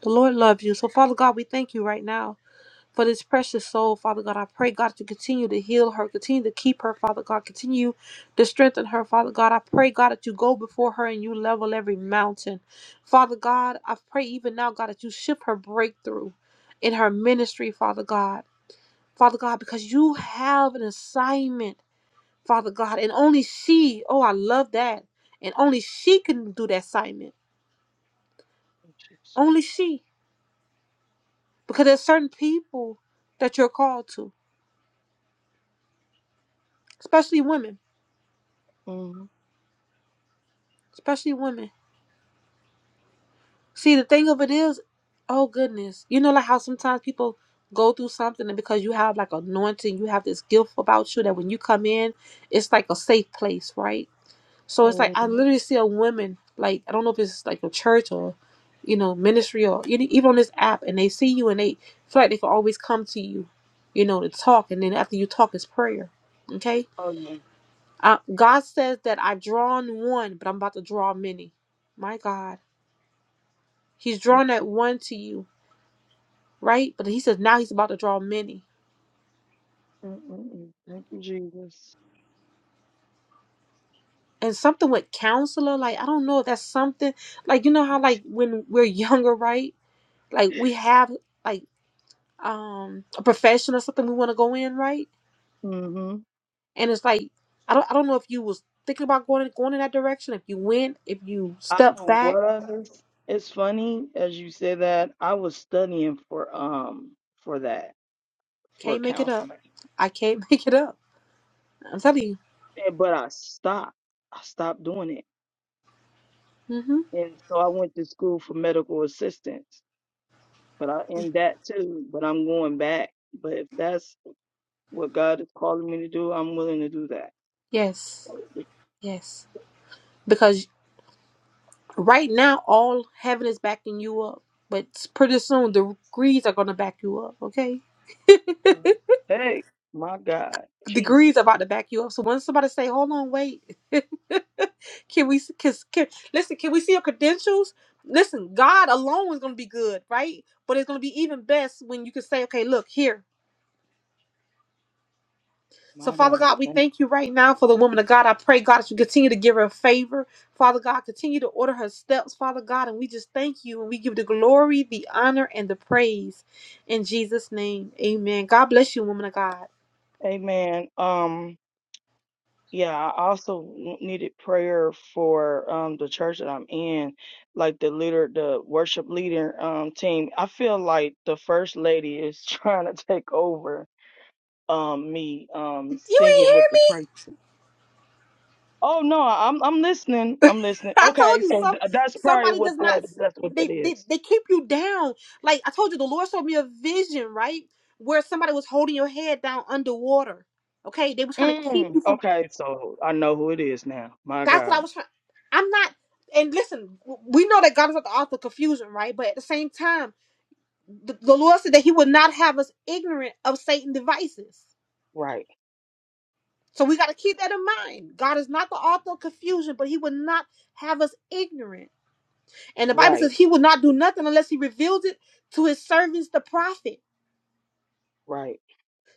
Speaker 1: The Lord loves you. So Father God, we thank you right now for this precious soul, Father God. I pray, God, to continue to heal her, continue to keep her, Father God. Continue to strengthen her, Father God. I pray, God, that you go before her and you level every mountain. Father God, I pray even now, God, that you shift her breakthrough in her ministry, Father God. Father God, because you have an assignment. Father God. And only she, oh, I love that. And only she can do that assignment.
Speaker 7: Oh, Jesus.
Speaker 1: Only she. Because there's certain people that you're called to, especially women.
Speaker 7: Mhm.
Speaker 1: Especially women. See, the thing of it is, oh, goodness. You know, like how sometimes people go through something, and because you have like anointing, you have this gift about you that when you come in, it's like a safe place, right? So it's like I
Speaker 7: Mhm.
Speaker 1: literally see a woman, like I don't know if it's like a church or, you know, ministry or any- even on this app, and they see you and they feel like they can always come to you, you know, to talk, and then after you talk is prayer. Okay,
Speaker 7: Oh yeah.
Speaker 1: uh, God says that I've drawn one, but I'm about to draw many. My God, He's
Speaker 7: Thank
Speaker 1: drawn that one to you, right? But He says now He's about to draw many.
Speaker 7: you. Mm-mm-mm. Thank you, Jesus.
Speaker 1: And something with counselor, like I don't know if that's something, like you know how like when we're younger, right? Like we have like um a profession or something we want to go in, right?
Speaker 7: Mhm.
Speaker 1: And it's like I don't I don't know if you was thinking about going going in that direction. If you went, if you
Speaker 7: I
Speaker 1: stepped back,
Speaker 7: was. It's funny as you say that. I was studying for um for that for
Speaker 1: can't make it
Speaker 7: counseling,
Speaker 1: up. I can't make it up. I'm telling you.
Speaker 7: And- But I stopped. I stopped doing it.
Speaker 1: Mm-hmm.
Speaker 7: And so I went to school for medical assistance. But I end that too. But I'm going back. But if that's what God is calling me to do, I'm willing to do that.
Speaker 1: Yes. Yes. Because right now all heaven is backing you up. But pretty soon the degrees are gonna back you up, okay?
Speaker 7: Hey, my God.
Speaker 1: degrees
Speaker 7: Jesus.
Speaker 1: about to back you up. So when somebody say, "Hold on, wait," can we? Can, can, listen, can we see your credentials? Listen, God alone is going to be good, right? But it's going to be even best when you can say, "Okay, look here." So
Speaker 7: My
Speaker 1: Father
Speaker 7: God.
Speaker 1: God, we
Speaker 7: Thank
Speaker 1: thank you right now for the woman of God. I pray God that you continue to give her favor. Father God, continue to order her steps, Father God, and we just thank you and we give the glory, the honor, and the praise in Jesus' name. Amen. God bless you, woman of God.
Speaker 7: you. Amen. Um Yeah, I also w- needed prayer for um the church that I'm in, like the leader, the worship leader um team. I feel like the first lady is trying to take over um me um
Speaker 1: You ain't
Speaker 7: singing with
Speaker 1: hear
Speaker 7: the
Speaker 1: me.
Speaker 7: praise. Oh no, I'm I'm listening. I'm listening.
Speaker 1: I told
Speaker 7: Okay,
Speaker 1: you
Speaker 7: so
Speaker 1: some
Speaker 7: th- that's probably
Speaker 1: somebody
Speaker 7: what
Speaker 1: does not
Speaker 7: that that's what
Speaker 1: they,
Speaker 7: that
Speaker 1: they
Speaker 7: is.
Speaker 1: they keep you down. Like I told you, the Lord showed me a vision, right? Where somebody was holding your head down underwater. Okay, they were trying to keep
Speaker 7: Mm,
Speaker 1: you from.
Speaker 7: okay, so I know who it is now. My
Speaker 1: That's what I
Speaker 7: God.
Speaker 1: was trying. I'm not. And listen, w- we know that God is not the author of confusion, right? But at the same time, the, the Lord said that He would not have us ignorant of Satan's devices.
Speaker 7: Right,
Speaker 1: So we got to keep that in mind. God is not the author of confusion, but He would not have us ignorant. And the Bible says
Speaker 7: right,
Speaker 1: he would not do nothing unless he revealed it to his servants, the prophet.
Speaker 7: right,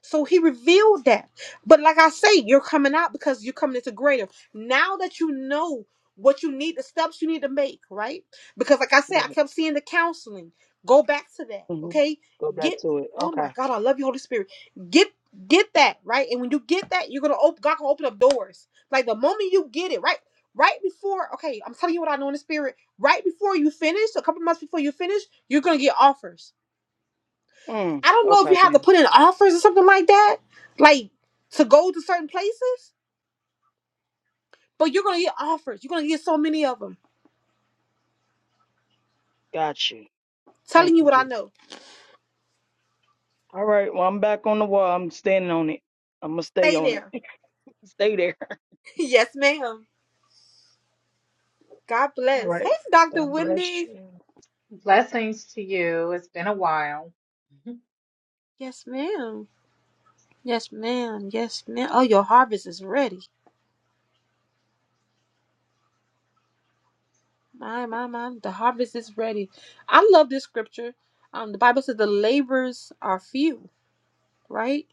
Speaker 1: So he revealed that. But like I say, you're coming out because you're coming into greater. Now that you know what you need, the steps you need to make, right? Because like I said,
Speaker 7: right.
Speaker 1: I kept seeing the counseling. Go back to that,
Speaker 7: hmm
Speaker 1: okay?
Speaker 7: Go back
Speaker 1: Get
Speaker 7: to it.
Speaker 1: oh
Speaker 7: Okay.
Speaker 1: my God, I love you, Holy Spirit. Get get that, right? And when you get that, you're gonna open God gonna open up doors. Like the moment you get it, right? Right before, okay, I'm telling you what I know in the spirit. Right before you finish, a couple months before you finish, you're gonna get offers
Speaker 7: Mm,
Speaker 1: I don't know if
Speaker 7: okay,
Speaker 1: you
Speaker 7: yeah.
Speaker 1: have to put in offers or something like that, like to go to certain places, but you're gonna get offers. You're gonna get so many of them.
Speaker 7: Got you.
Speaker 1: Telling
Speaker 7: Thank
Speaker 1: you
Speaker 7: you,
Speaker 1: what I
Speaker 7: G.
Speaker 1: know.
Speaker 7: All right. Well, I'm back on the wall. I'm standing on it. I'm gonna stay
Speaker 1: Stay
Speaker 7: on it.
Speaker 1: there.
Speaker 7: stay there.
Speaker 1: yes, ma'am. God
Speaker 7: All
Speaker 1: bless. Hey,
Speaker 7: right.
Speaker 1: Dr.
Speaker 7: God bless
Speaker 1: Wendy.
Speaker 7: you.
Speaker 8: Blessings to you. It's been a while. Mhm.
Speaker 1: Yes, ma'am. Yes, ma'am. Yes, ma'am. Oh, your harvest is ready. My, my, my. The harvest is ready. I love this scripture. Um, the Bible says the labors are few, right?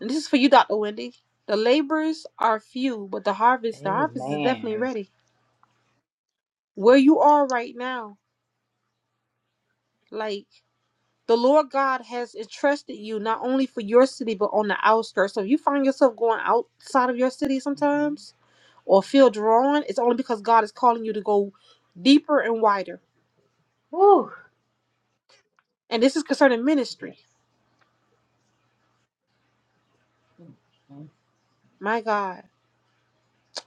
Speaker 1: And this is for you, Dr. Wendy. The labors are few, but the harvest, the harvest is definitely
Speaker 8: Amen.
Speaker 1: ready. where you are right now. Like the Lord God has entrusted you not only for your city but on the outskirts. So if you find yourself going outside of your city
Speaker 8: Mhm.
Speaker 1: sometimes or feel drawn, it's only because God is calling you to go deeper and wider.
Speaker 8: Whew.
Speaker 1: And this is concerning ministry.
Speaker 8: Yes. Mhm.
Speaker 1: My God.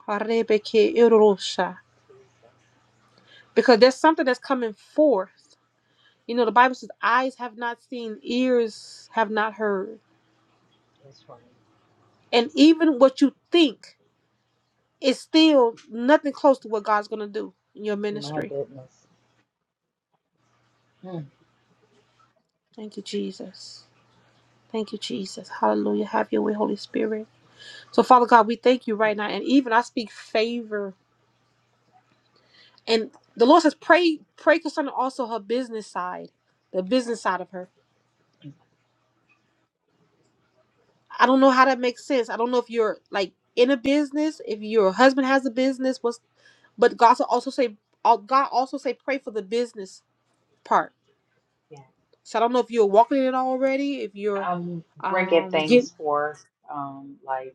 Speaker 1: Because
Speaker 8: Jesus.
Speaker 1: there's something that's coming forth. You know, the Bible says, eyes have not seen, ears have not heard.
Speaker 8: That's right.
Speaker 1: And even what you think it's still nothing close to what God's going to do in your
Speaker 8: My
Speaker 1: ministry.
Speaker 8: goodness. Mm,
Speaker 1: Thank you, Jesus. Thank you, Jesus. Hallelujah. Have your way, Holy Spirit. So, Father God, we thank you
Speaker 8: mm,
Speaker 1: right now. And even I speak favor. And the Lord says, pray, pray concerning also her business side, the business side of her.
Speaker 8: mm.
Speaker 1: I don't know how that makes sense. I don't know if you're like in a business, if your husband has a business, what's but God also say uh, God also say pray for the business part.
Speaker 8: Yeah.
Speaker 1: So I don't know if you're walking in it already, if you're
Speaker 8: I'm bringing
Speaker 1: um getting
Speaker 8: things forth, um, like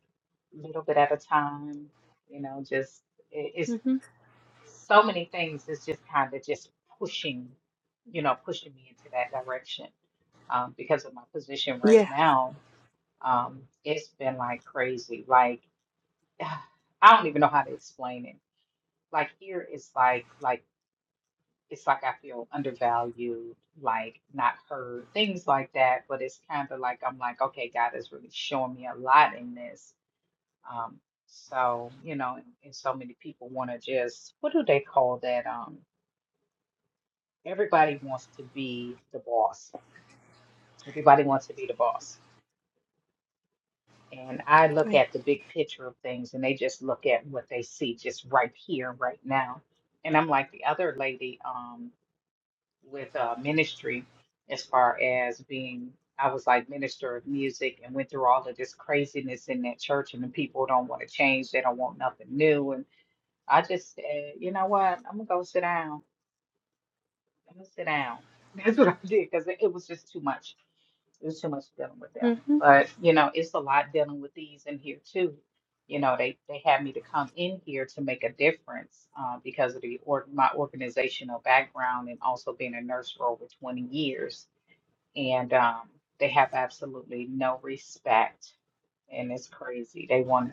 Speaker 8: a little bit at a time. You know, just it, it's
Speaker 1: hmm
Speaker 8: so many things. It's just kind of just pushing, you know, pushing me into that direction um, because of my position right
Speaker 1: Yeah.
Speaker 8: now. Um, it's been like crazy. Like I don't even know how to explain it. Like here it's like like it's like I feel undervalued, like not heard, things like that. But it's kind of like I'm like, okay, God is really showing me a lot in this. Um, so you know, and, and so many people want to just what do they call that? Um, everybody wants to be the boss. Everybody wants to be the boss And I look at the big picture of things and they just look at what they see just right here, right now. And I'm like the other lady um, with uh, ministry, as far as being, I was like minister of music and went through all of this craziness in that church, and the people don't want to change. They don't want nothing new. And I just said, you know what? I'm going to go sit down. I'm going to sit down. That's what I did because it it was just too much. It was too much dealing with them.
Speaker 1: hmm
Speaker 8: But you know, it's a lot dealing with these in here too. You know, they they had me to come in here to make a difference uh, because of the org my organizational background and also being a nurse for over 20 years. And um, they have absolutely no respect, and it's crazy. They want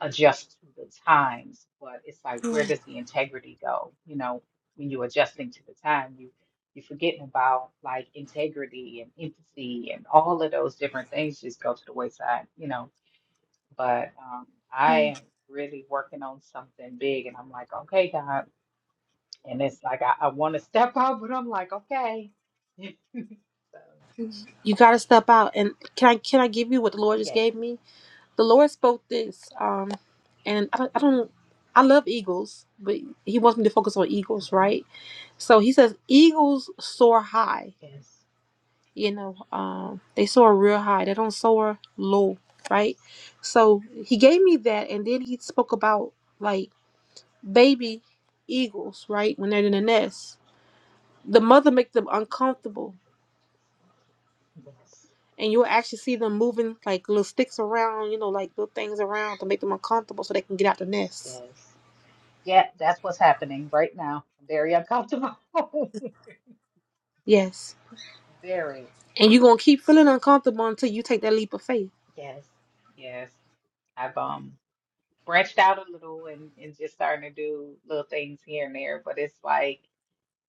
Speaker 8: adjust to the times, but it's like where does the integrity go? You know, when you're adjusting to the time, you you're forgetting about like integrity and empathy and all of those different things just go to the wayside, you know. But um, I am really working on something big, and I'm like, okay, God, and it's like I, I want to step out, but I'm like, okay, so
Speaker 1: You got to step out. And can I can I give you what the Lord just
Speaker 8: yes,
Speaker 1: gave me? The Lord spoke this, um, and I don't, I don't. I love eagles, but He wants me to focus on eagles,
Speaker 8: mhm,
Speaker 1: right? So He says eagles soar high.
Speaker 8: yes,
Speaker 1: You know, um, they soar real high. They don't soar low,
Speaker 8: yes,
Speaker 1: right? So He gave me that, and then He spoke about like baby eagles, right? When they're in the nest, the mother makes them uncomfortable
Speaker 8: yes,
Speaker 1: and you'll actually see them moving like little sticks around, you know, like little things around to make them uncomfortable so they can get out the nest.
Speaker 8: yes. Yeah, that's what's happening right now. Very uncomfortable.
Speaker 1: Yes.
Speaker 8: Very.
Speaker 1: And you're going to keep feeling uncomfortable until you take that leap of faith.
Speaker 8: Yes. Yes. I've um branched out a little and, and just starting to do little things here and there, but it's like,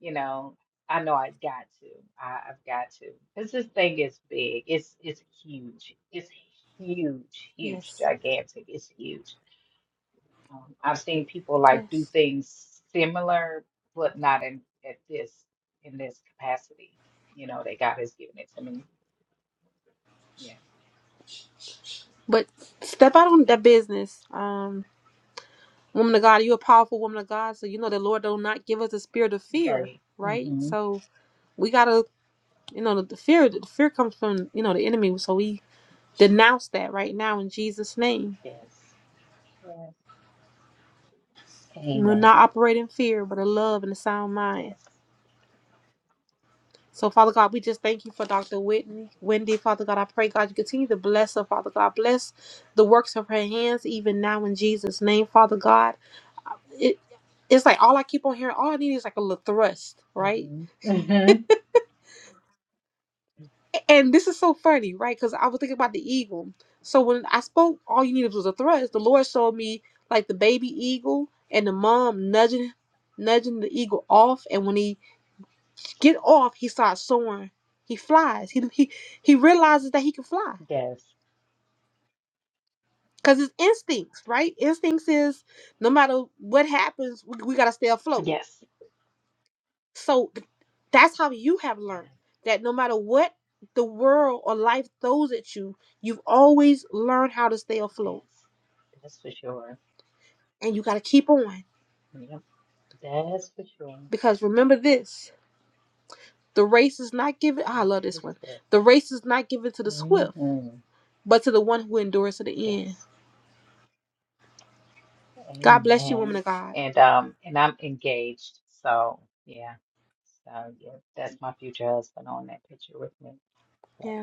Speaker 8: you know, I know I got to. I, I've got to. Because this thing is big. It's it's huge. It's huge, huge,
Speaker 1: Yes.
Speaker 8: gigantic. It's huge. Um, I've seen people like do
Speaker 1: Yes.
Speaker 8: things similar, but not in at this in this capacity. You know, that God has given it to me. Yeah.
Speaker 1: But step out on that business. Um, woman of God, you're a powerful woman of God. So, you know, the Lord will not give us a spirit of fear,
Speaker 8: Right.
Speaker 1: right?
Speaker 8: Mm-hmm.
Speaker 1: So we got to, you know, the, the fear, the fear comes from, you know, the enemy. So we denounce that right now in Jesus' name.
Speaker 8: Yes. Yes.
Speaker 1: We'll
Speaker 8: Amen.
Speaker 1: not operate in fear, but in love and a sound mind.
Speaker 8: Yes.
Speaker 1: So, Father God, we just thank you for Dr. Whitney, Wendy. Father God, I pray, God, you continue to bless her, Father God. Bless the works of her hands, even now in Jesus' name, Father God. It, it's like all I keep on hearing, all I need is like a little thrust, right?
Speaker 8: Mm-hmm. Mm-hmm.
Speaker 1: And this is so funny, right? Because I was thinking about the eagle. So, when I spoke, all you needed was a thrust. The Lord showed me like the baby eagle and the mom nudging nudging the eagle off and when he get off he starts soaring he flies he, he he realizes that he can fly
Speaker 8: Yes.
Speaker 1: Cause it's instincts, right? Instincts is no matter what happens, we, we gotta stay afloat.
Speaker 8: Yes.
Speaker 1: So th- that's how you have
Speaker 8: Yeah.
Speaker 1: learned that no matter what the world or life throws at you, you've always learned how to stay afloat,
Speaker 8: Yes. That's for sure.
Speaker 1: and you gotta keep on.
Speaker 8: Yep. That's for sure.
Speaker 1: Because remember this: the race is not given. ah, I love this one. The race is not given to the swift,
Speaker 8: Mm-hmm.
Speaker 1: but to the one who endures to the end.
Speaker 8: Yes.
Speaker 1: God bless you, woman
Speaker 8: Amen.
Speaker 1: of God.
Speaker 8: And um and I'm engaged, so yeah. So yeah, that's my future husband on that picture with me. But,
Speaker 1: Yeah.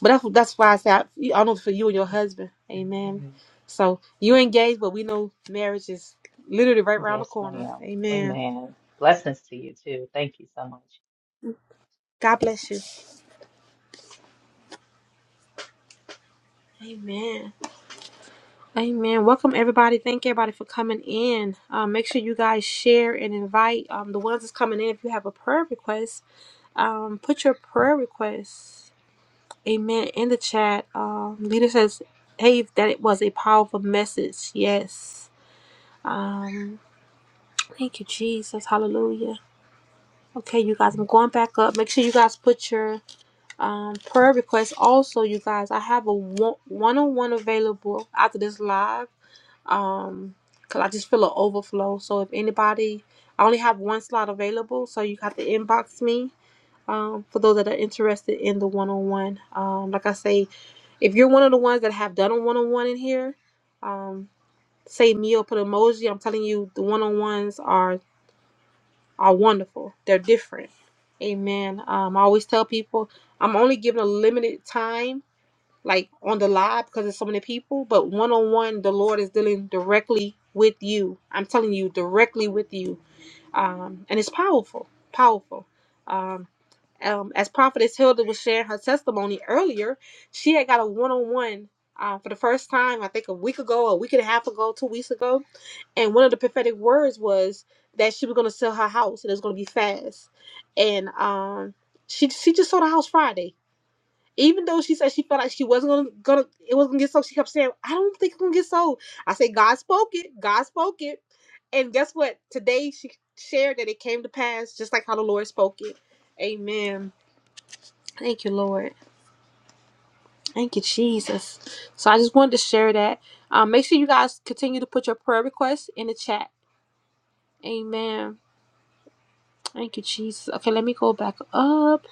Speaker 1: But that's that's why I say I, I know for you and your husband. Amen.
Speaker 8: mhm.
Speaker 1: So you engaged, but we know marriage is literally right around the
Speaker 8: Yes,
Speaker 1: corner.
Speaker 8: ma'am.
Speaker 1: Amen.
Speaker 8: Amen. Blessings to you too. Thank you so much.
Speaker 1: God
Speaker 8: Mm-hmm.
Speaker 1: bless you. Amen. Amen. Welcome everybody. Thank everybody for coming in. Um, make sure you guys share and invite um, the ones that's coming in. If you have a prayer request, um, put your prayer request. Amen. In the chat, um, leader says, "Hey, that it was a powerful message." Yes. Um, thank you, Jesus. Hallelujah. Okay, you guys, I'm going back up. Make sure you guys put your um, prayer requests. Also, you guys, I have a one- one-on-one available after this live. Um, cause I just feel an overflow. So if anybody, I only have one slot available, so you have to inbox me. Um, for those that are interested in the one-on-one, um, like I say, if you're one of the ones that have done a one-on-one in here, um, say me or put emoji. I'm telling you, the one-on-ones are are wonderful. They're different. Amen. Um, I always tell people I'm only given a limited time, like on the live, because there's so many people. But one on one, the Lord is dealing directly with you. I'm telling you, directly with you, um, and it's powerful. Powerful. Um, um, as prophetess hilda was sharing her testimony earlier she had got a one-on-one uh, for the first time i think a week ago a week and a half ago two weeks ago and one of the prophetic words was that she was going to sell her house and it was going to be fast and um, she she just sold her house friday even though she said she felt like she wasn't gonna, gonna it wasn't gonna get sold, she kept saying, "I don't think it's gonna get sold." I said, "God spoke it. God spoke it." And guess what? Today she shared that it came to pass, just like how the Lord spoke it. Amen. Thank you, Lord. Thank you, Jesus. So I just wanted to share that. Um, make sure you guys continue to put your prayer requests in the chat. Amen. Thank you, Jesus. Okay, let me go back up.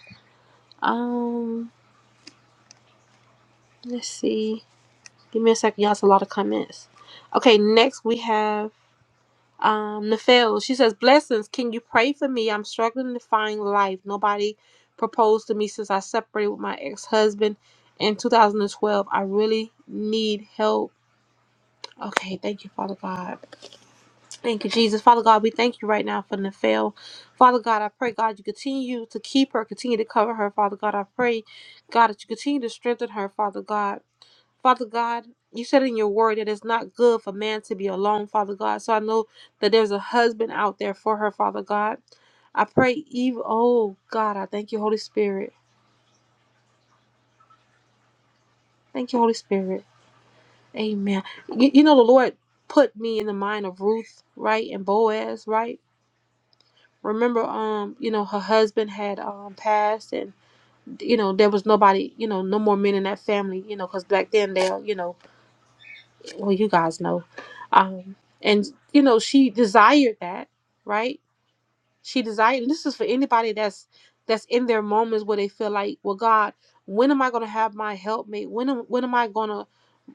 Speaker 1: Um, let's see. Give me a second. Y'all, it's a lot of comments. Okay, next we have um Nafel. She says, Blessings, can you pray for me? I'm struggling to find life. Nobody proposed to me since I separated with my ex-husband in 2012. I really need help. Okay, thank you, Father God. Thank you, Jesus. Father God, we thank you right now for Nafel. Father God, I pray, God, you continue to keep her, continue to cover her. Father God, I pray, God, that you continue to strengthen her, Father God. Father God, you said in your word that it's not good for man to be alone, Father God. So I know that there's a husband out there for her, Father God. I pray, Eve. Oh, God, I thank you, Holy Spirit. Thank you, Holy Spirit. Amen. You, you know, the Lord put me in the mind of Ruth, right? And Boaz, right? Remember, um, you know, her husband had um passed, and you know there was nobody, you know, no more men in that family, you know, because back then they, you know, well, you guys know, um, and you know she desired that, right? She desired, and this is for anybody that's that's in their moments where they feel like, well, God, when am I gonna have my helpmate? When am when am I gonna,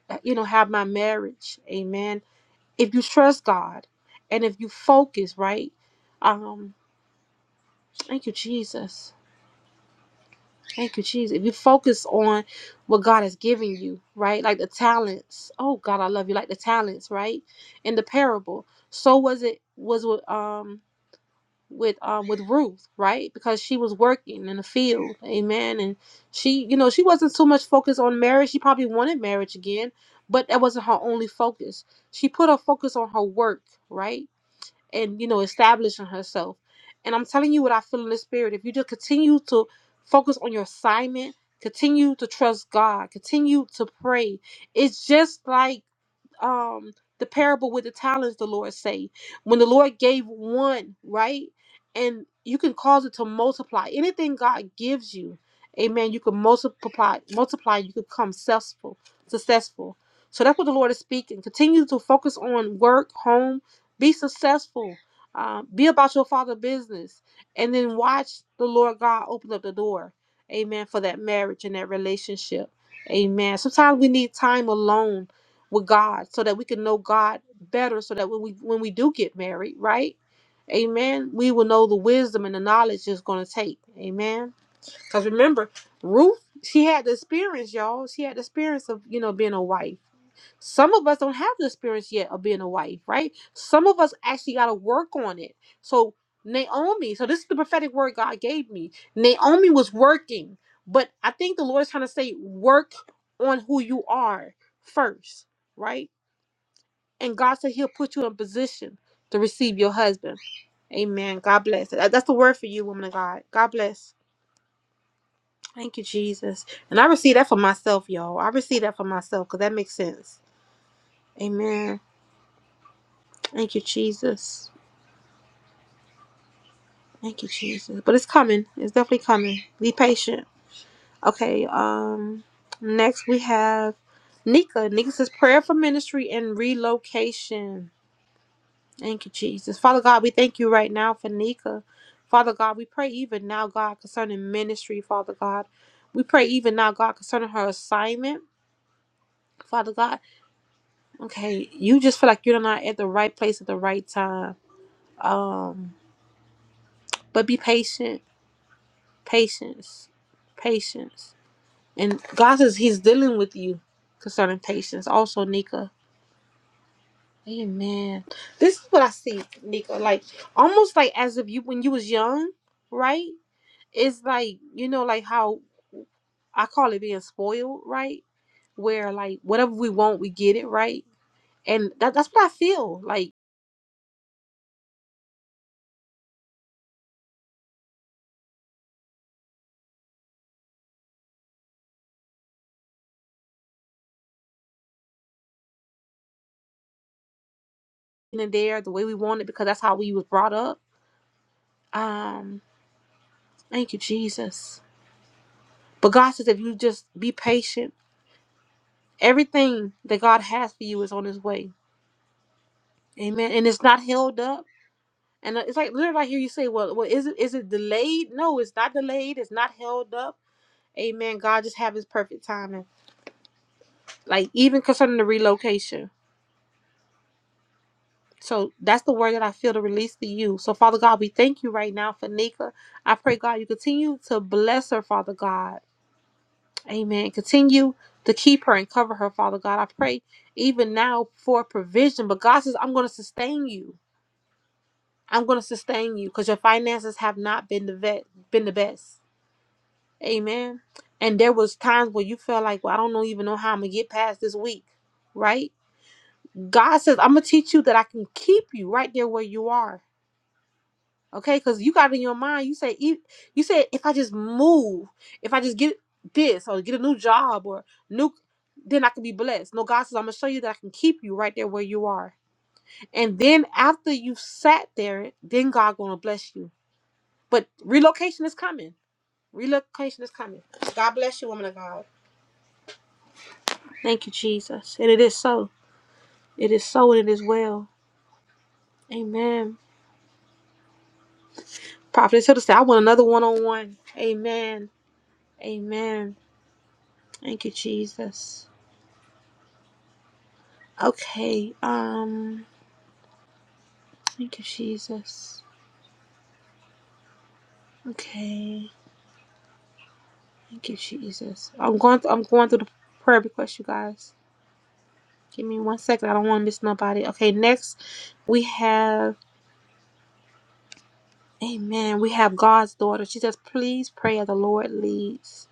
Speaker 1: uh, you know, have my marriage? Amen. If you trust God, and if you focus, right? Um, thank you, Jesus Thank you, Jesus. If you focus on what God has given you, right? Like the talents. Oh God, I love you. Like the talents, right? In the parable. So was it was with um with um with Ruth, right? Because she was working in the field. Amen. And she, you know, she wasn't so much focused on marriage. She probably wanted marriage again, but that wasn't her only focus. She put her focus on her work, right? and you know establishing herself and i'm telling you what i feel in the spirit if you just continue to focus on your assignment continue to trust god continue to pray it's just like um the parable with the talents the Lord say? When the Lord gave one, right? And you can cause it to multiply. Anything God gives you, amen, you can multiply multiply, you can become successful, successful. So that's what the Lord is speaking. Continue to focus on work, home, be successful. Uh, be about your father business and then watch the Lord God open up the door. Amen. For that marriage and that relationship. Amen. Sometimes we need time alone with God so that we can know God better so that when we when we do get married, right? Amen. We will know the wisdom and the knowledge it's going to take. Amen. Cuz remember, Ruth, she had the experience, y'all. She had the experience of, you know, being a wife. Some of us don't have the experience yet of being a wife, right? Some of us actually got to work on it. So Naomi, so this is the prophetic word God gave me. Naomi was working, but I think the Lord is trying to say work on who you are first, right? And God said He'll put you in position to receive your husband. Amen. God bless. That- That's the word for you, woman of God. God bless. Thank you, Jesus. And I receive that for myself, y'all. I receive that for myself because that makes sense. Amen. Thank you, Jesus. Thank you, Jesus. But it's coming. It's definitely coming. Be patient. Okay. Um. Next we have Nika. Nika says prayer for ministry and relocation. Thank you, Jesus. Father God, we thank you right now for Nika. Father God, we pray even now, God, concerning ministry, Father God. We pray even now, God, concerning her assignment. Father God, okay, you just feel like you're not at the right place at the right time. Um, but be patient, patience, patience. And God says He's dealing with you concerning patience. Also, Nika. Amen. This is what I see, Nika. Like almost like as if you when you was young, right? it's like you know like how i call it being spoiled right where like whatever we want we get it right and that, that's what i feel like in and there the way we want it because that's how we was brought up um thank you jesus but god says if you just be patient everything that god has for you is on his way amen and it's not held up and it's like literally i hear you say well, well is it is it delayed no it's not delayed it's not held up amen god just have his perfect timing like even concerning the relocation So that's the word that I feel to release to you. So, Father God, we thank you right now for Nika. I pray, God, you continue to bless her, Father God. Amen. Continue to keep her and cover her, Father God. I pray even now for provision. But God says, I'm going to sustain you. I'm going to sustain you because your finances have not been the vet, been the best. Amen. And there was times where you felt like, well, I don't know, even know how I'm gonna get past this week, right? God says, I'm gonna teach you that I can keep you right there where you are. Okay, because you got in your mind, you say, "E- you said, if I just move, if I just get this or get a new job or new, then I can be blessed. No, God says, I'm going to show you that I can keep you right there where you are. And then after you've sat there, then God going to bless you. But relocation is coming. Relocation is coming. God bless you, woman of God. Thank you, Jesus. And it is so. It is so and it is well. Amen. Prophetess Hilda said, I want another one on one. Amen. Amen. Thank you, Jesus. Okay. Um. Thank you, Jesus. Okay. Thank you, Jesus. I'm going. Th- I'm going through the prayer request, you guys. Give me one second. I don't want to miss nobody. Okay. Next, we have. Amen. We have God's daughter. She says, "Please pray as the Lord leads."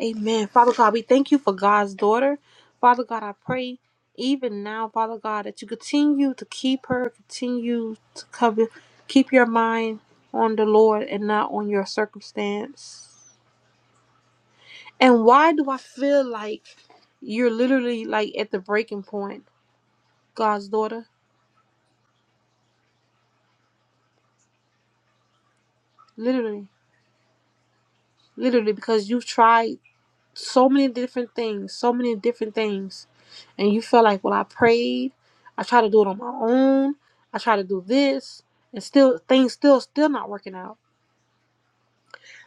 Speaker 1: Amen. Father God, we thank you for God's daughter. Father God, I pray even now, Father God, that you continue to keep her, continue to cover, keep your mind on the Lord and not on your circumstance. And why do I feel like you're literally like at the breaking point, God's daughter? Literally, literally, because you've tried so many different things, so many different things, and you feel like, well, I prayed, I tried to do it on my own, I tried to do this, and still things still still not working out.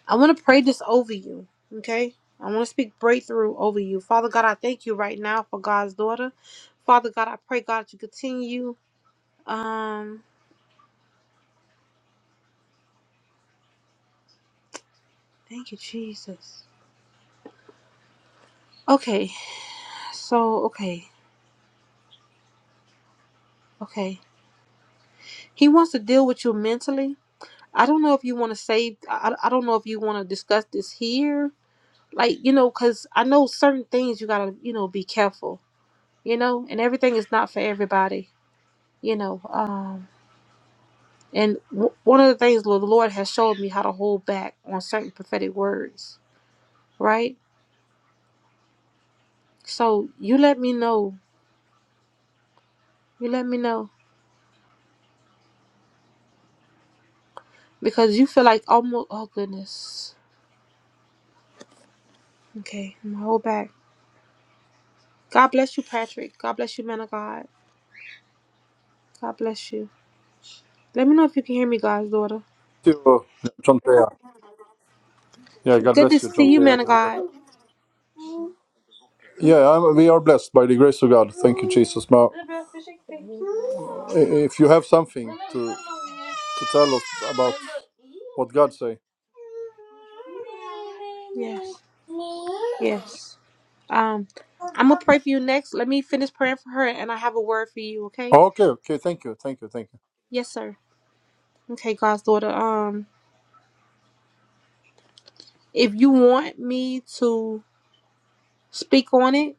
Speaker 1: I want to pray this over you, okay? I want to speak breakthrough over you, Father God. I thank you right now for God's daughter, Father God. I pray God to continue. Um, thank you, Jesus. Okay, so okay, okay. He wants to deal with you mentally. I don't know if you want to save. I, I I don't know if you want to discuss this here. Like you know, because I know certain things you gotta you know be careful. You know, and everything is not for everybody. You know, um, and w- one of the things the Lord has showed me how to hold back on certain prophetic words. Right. So you let me know. You let me know because you feel like almost. Oh goodness. Okay, I'm gonna hold back. God bless you, Patrick. God bless you, man of God. God bless you. Let me know if you can hear me, God's daughter.
Speaker 9: you, John Thea. Yeah, God
Speaker 1: Good to
Speaker 9: bless you,
Speaker 1: see
Speaker 9: John
Speaker 1: you,
Speaker 9: Thea.
Speaker 1: man of
Speaker 9: God
Speaker 1: God.
Speaker 9: bless- Yeah, I'm, we are blessed by the grace of God. Thank you, Jesus. Now, i- if you have something to to tell us about what God say.
Speaker 1: Yes. Yes. Um, I'm gonna pray for you next. Let me finish praying for her and I have a word for you, okay?
Speaker 9: Okay, okay. Thank you, thank you, thank you.
Speaker 1: Yes, sir. Okay, God's daughter. Um, if you want me to speak on it,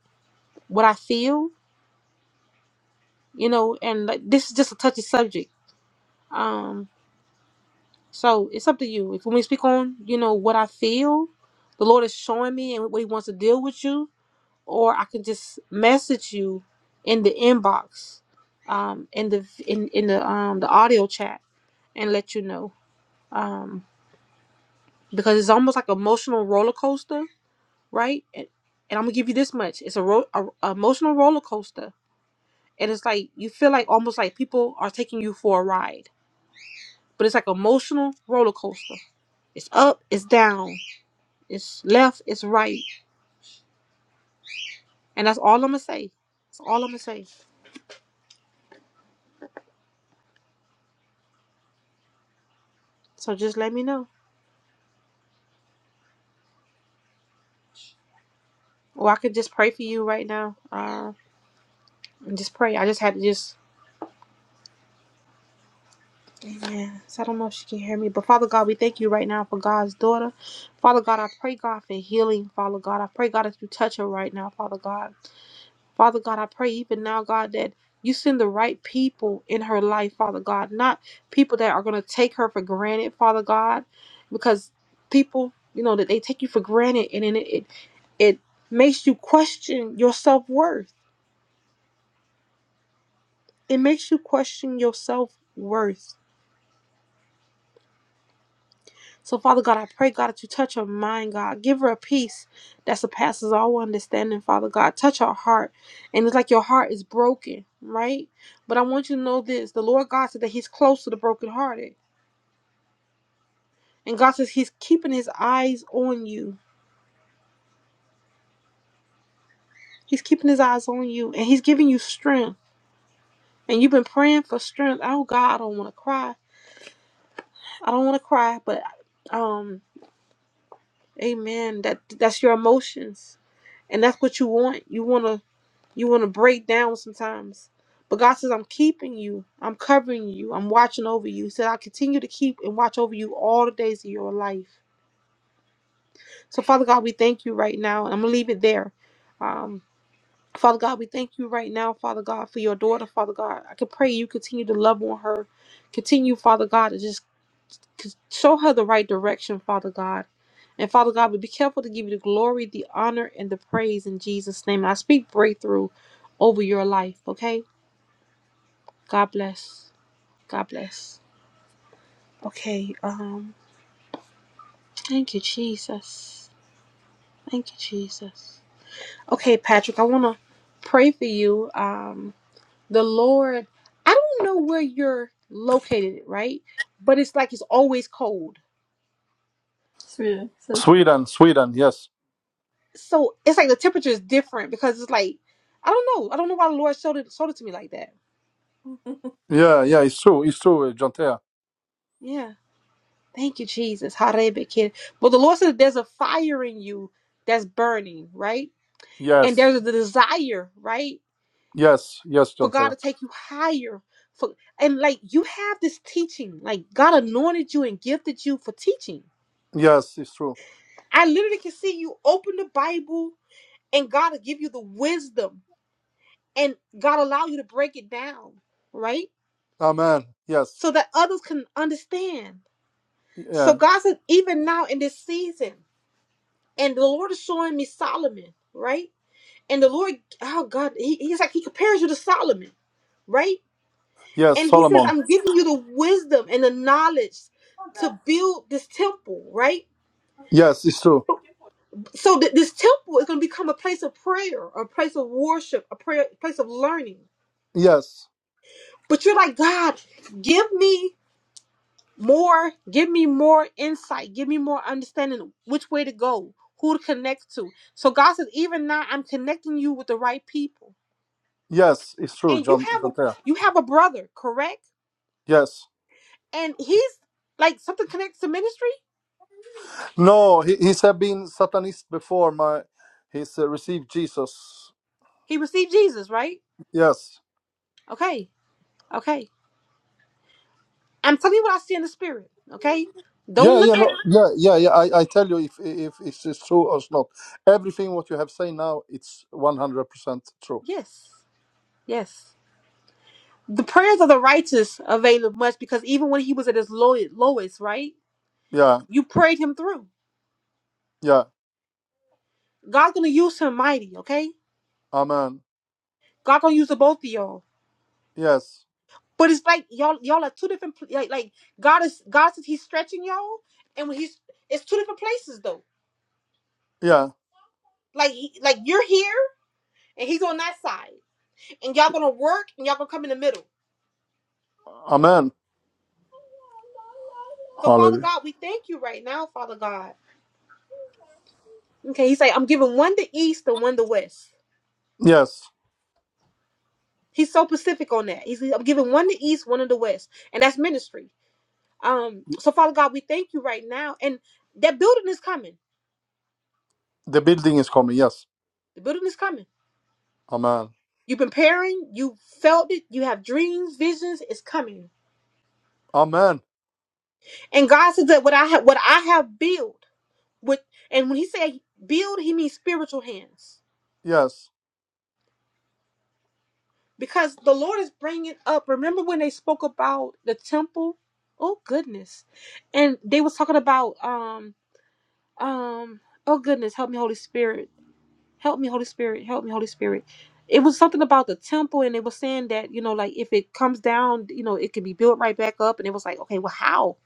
Speaker 1: what I feel, you know, and like, this is just a touchy subject. Um, so it's up to you. If when we speak on, you know, what I feel, the Lord is showing me and what He wants to deal with you or I can just message you in the inbox, um, in the in in the um the audio chat and let you know. Um, because it's almost like emotional roller coaster, right? And, and I'm gonna give you this much: it's a, ro- a a emotional roller coaster, and it's like you feel like almost like people are taking you for a ride, but it's like emotional roller coaster. It's up, it's down, it's left, it's right, and that's all I'm gonna say. That's all I'm gonna say. So just let me know. Well, I could just pray for you right now. Uh, and just pray. I just had to just. Amen. So I don't know if she can hear me, but Father God, we thank you right now for God's daughter. Father God, I pray God for healing. Father God, I pray God that you touch her right now. Father God, Father God, I pray even now, God, that you send the right people in her life. Father God, not people that are going to take her for granted. Father God, because people, you know, that they take you for granted, and then it it, it makes you question your self worth. it makes you question your self worth. So, Father God, I pray, God, that you touch her mind, God. Give her a peace that surpasses all understanding, Father God. Touch her heart. And it's like your heart is broken, right? But I want you to know this the Lord God said that He's close to the brokenhearted. And God says He's keeping His eyes on you. He's keeping His eyes on you. And He's giving you strength. And you've been praying for strength. Oh, God, I don't want to cry. I don't want to cry, but um, amen. That That's your emotions And that's what you want. You wanna you wanna break down sometimes. But God says, I'm keeping you, I'm covering you, I'm watching over you. He said, I continue to keep and watch over you all the days of your life. So Father God, we thank you right now. I'm gonna leave it there. Um Father God, we thank you right now, Father God, for your daughter, Father God. I can pray you continue to love on her. Continue, Father God, to just c- show her the right direction, Father God. And Father God, we be careful to give you the glory, the honor, and the praise in Jesus' name. And I speak breakthrough. over your life, okay? God bless. God bless. Okay, um, thank you, Jesus. Thank you, Jesus. Okay, Patrick, I wanna pray for you. Um, the Lord, I don't know where you're located, right? But it's like it's always cold.
Speaker 9: Sweden, Sweden. Yes.
Speaker 1: So it's like the temperature is different because it's like I don't know. I don't know why the Lord showed it showed it to me like that.
Speaker 9: Yeah, yeah. It's true. It's true, uh, John Thea.
Speaker 1: Yeah. Thank you, Jesus. Harebe kid. But the Lord said there's a fire in you that's burning, right? and
Speaker 9: Yes,
Speaker 1: there's a desire right
Speaker 9: yes, yes,
Speaker 1: for
Speaker 9: John
Speaker 1: god
Speaker 9: Thea.
Speaker 1: to take you higher for and like you have this teaching like god anointed you and gifted you for teaching
Speaker 9: Yes, it's true.
Speaker 1: i literally can see you open the bible and god will give you the wisdom and god allow you to break it down right
Speaker 9: Amen. Yes.
Speaker 1: so that others can understand
Speaker 9: Yeah.
Speaker 1: so god said even now in this season and the lord is showing me solomon right and the lord oh god he, he's like he compares you to solomon right
Speaker 9: Yes,
Speaker 1: And he says,
Speaker 9: Solomon.
Speaker 1: I'm giving you the wisdom and the knowledge to build this temple, right?
Speaker 9: Yes, it's true.
Speaker 1: So th- this temple is going to become a place of prayer, a place of worship, a prayer, a place of learning.
Speaker 9: Yes,
Speaker 1: But you're like, God, give me more, give me more insight, give me more understanding of which way to go, who to connect to. So God says, even now I'm connecting you with the right people.
Speaker 9: yes, it's true,
Speaker 1: And you
Speaker 9: John John
Speaker 1: have a
Speaker 9: Terra.
Speaker 1: you have a brother, correct?
Speaker 9: Yes.
Speaker 1: And he's like something connects to ministry.
Speaker 9: No, he, he's have been Satanist before. My, he's uh, received Jesus.
Speaker 1: He received Jesus, right?
Speaker 9: Yes.
Speaker 1: Okay Okay. I'm telling you what I see in the spirit. Okay. Don't
Speaker 9: Yeah,
Speaker 1: look
Speaker 9: yeah, no,
Speaker 1: at
Speaker 9: yeah, yeah, yeah. I, I tell you if if it's, it's true or not. Everything what you have said now, it's one hundred percent true.
Speaker 1: yes. Yes. The prayers of the righteous avail much because even when he was at his low, lowest, right?
Speaker 9: Yeah,
Speaker 1: You prayed him through.
Speaker 9: yeah.
Speaker 1: God's gonna use him mighty, okay?
Speaker 9: Amen.
Speaker 1: God gonna use the both of y'all.
Speaker 9: Yes.
Speaker 1: But it's like y'all y'all are two different pl- like, like God is God says he's stretching y'all and when he's it's two different places though.
Speaker 9: Yeah.
Speaker 1: Like he, like you're here and he's on that side. And y'all gonna work and y'all gonna come in the middle.
Speaker 9: Amen.
Speaker 1: So Father
Speaker 9: Hallelujah.
Speaker 1: God, we thank you right now, Father God. Okay, he's like, I'm giving one to East and one to West.
Speaker 9: Yes.
Speaker 1: He's so specific on that. He's I'm giving one to East, one to the West. And that's ministry. Um, so Father God, we thank you right now. And that building is coming.
Speaker 9: The building is coming. Yes.
Speaker 1: The building is coming.
Speaker 9: Amen.
Speaker 1: You've been praying, you felt it, you have dreams, visions, it's coming.
Speaker 9: Amen.
Speaker 1: And God says that what I have what I have built with and when he said build, he means spiritual hands.
Speaker 9: Yes.
Speaker 1: Because the Lord is bringing up. Remember when they spoke about the temple? Oh goodness and they was talking about um. um oh goodness help me holy spirit help me holy spirit help me holy spirit it was something about the temple and they were saying that you know like if it comes down you know it can be built right back up and it was like okay well how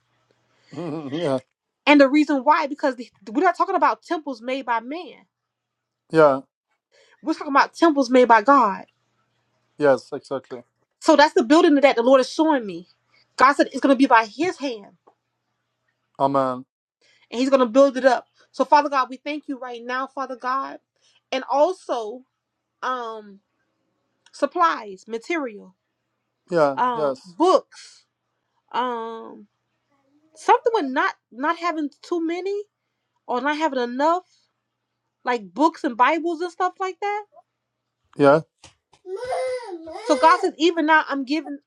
Speaker 9: Mhm, Yeah,
Speaker 1: and the reason why because the- we're not talking about temples made by man
Speaker 9: yeah,
Speaker 1: we're talking about temples made by god
Speaker 9: yes, exactly.
Speaker 1: so that's the building that the lord is showing me god said it's going to be by his hand
Speaker 9: Amen.
Speaker 1: and he's going to build it up so father god we thank you right now father god and also um supplies material
Speaker 9: Yeah,
Speaker 1: um,
Speaker 9: yes.
Speaker 1: books, um, something with not not having too many or not having enough, like books and Bibles and stuff like that.
Speaker 9: Yeah.
Speaker 1: So God says, even now, I'm giving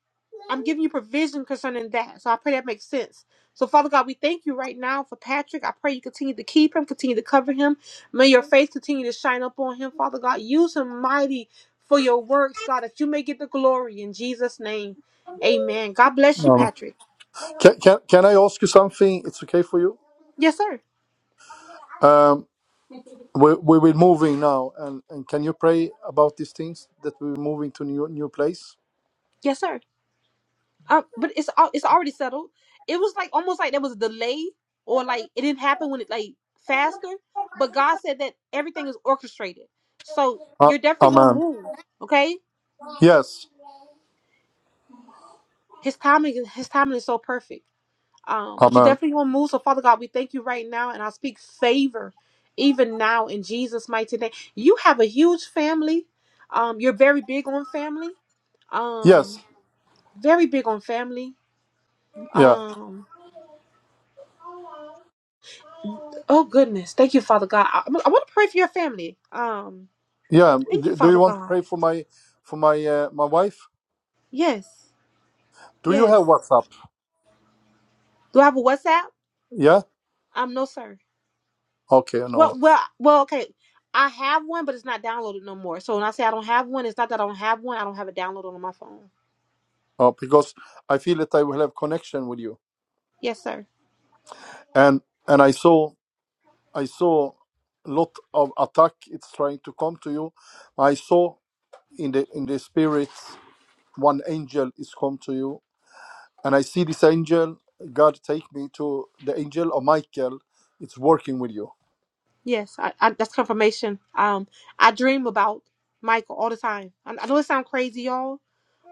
Speaker 1: I'm giving you provision concerning that. So I pray that makes sense. So Father God, we thank you right now for Patrick. I pray you continue to keep him, continue to cover him. May your face continue to shine up on him, Father God. Use him mighty for your works, God, that you may get the glory in Jesus' name. Amen. God bless you,
Speaker 9: Um,
Speaker 1: Patrick.
Speaker 9: can, can, can I ask you something? It's okay for you?
Speaker 1: Yes, sir.
Speaker 9: Um, we, we will moving now, and, and can you pray about these things that we're moving to new new place?
Speaker 1: Yes, sir. Um, but it's al- it's already settled. It was like almost like there was a delay, or like it didn't happen when it like faster. But God said that everything is orchestrated, so
Speaker 9: Uh,
Speaker 1: you're definitely gonna
Speaker 9: amen.
Speaker 1: move. Okay,
Speaker 9: Yes.
Speaker 1: His timing is- His timing is so perfect. Um, but you're
Speaker 9: Amen.
Speaker 1: definitely gonna move. So Father God, we thank you right now, and I speak favor even now in Jesus' mighty name. You have a huge family. Um, you're very big on family.
Speaker 9: Yes.
Speaker 1: Um, very big on family.
Speaker 9: Yeah.
Speaker 1: Um, Oh goodness, thank you, Father God. I, I want to pray for your family. Um,
Speaker 9: Yeah. um,
Speaker 1: thank you,
Speaker 9: d- Do you
Speaker 1: Father
Speaker 9: want to pray
Speaker 1: God.
Speaker 9: for my for my uh, my wife?
Speaker 1: Yes,
Speaker 9: Do you
Speaker 1: yes.
Speaker 9: have WhatsApp?
Speaker 1: Do I have a WhatsApp?
Speaker 9: Yeah.
Speaker 1: Um, no, sir.
Speaker 9: Okay. No. No.
Speaker 1: Well, well, well. Okay, I have one, but it's not downloaded no more. So when I say I don't have one, it's not that I don't have one. I don't have it downloaded on my phone.
Speaker 9: Oh, because I feel that I will have connection with you.
Speaker 1: Yes, sir.
Speaker 9: And and I saw I saw a lot of attack. It's trying to come to you. I saw in the in the spirit one angel is come to you, and I see this angel. God take me to the angel of Michael. It's working with you.
Speaker 1: Yes, I, I, that's confirmation. Um, I dream about Michael all the time. I, I know it sounds crazy, y'all,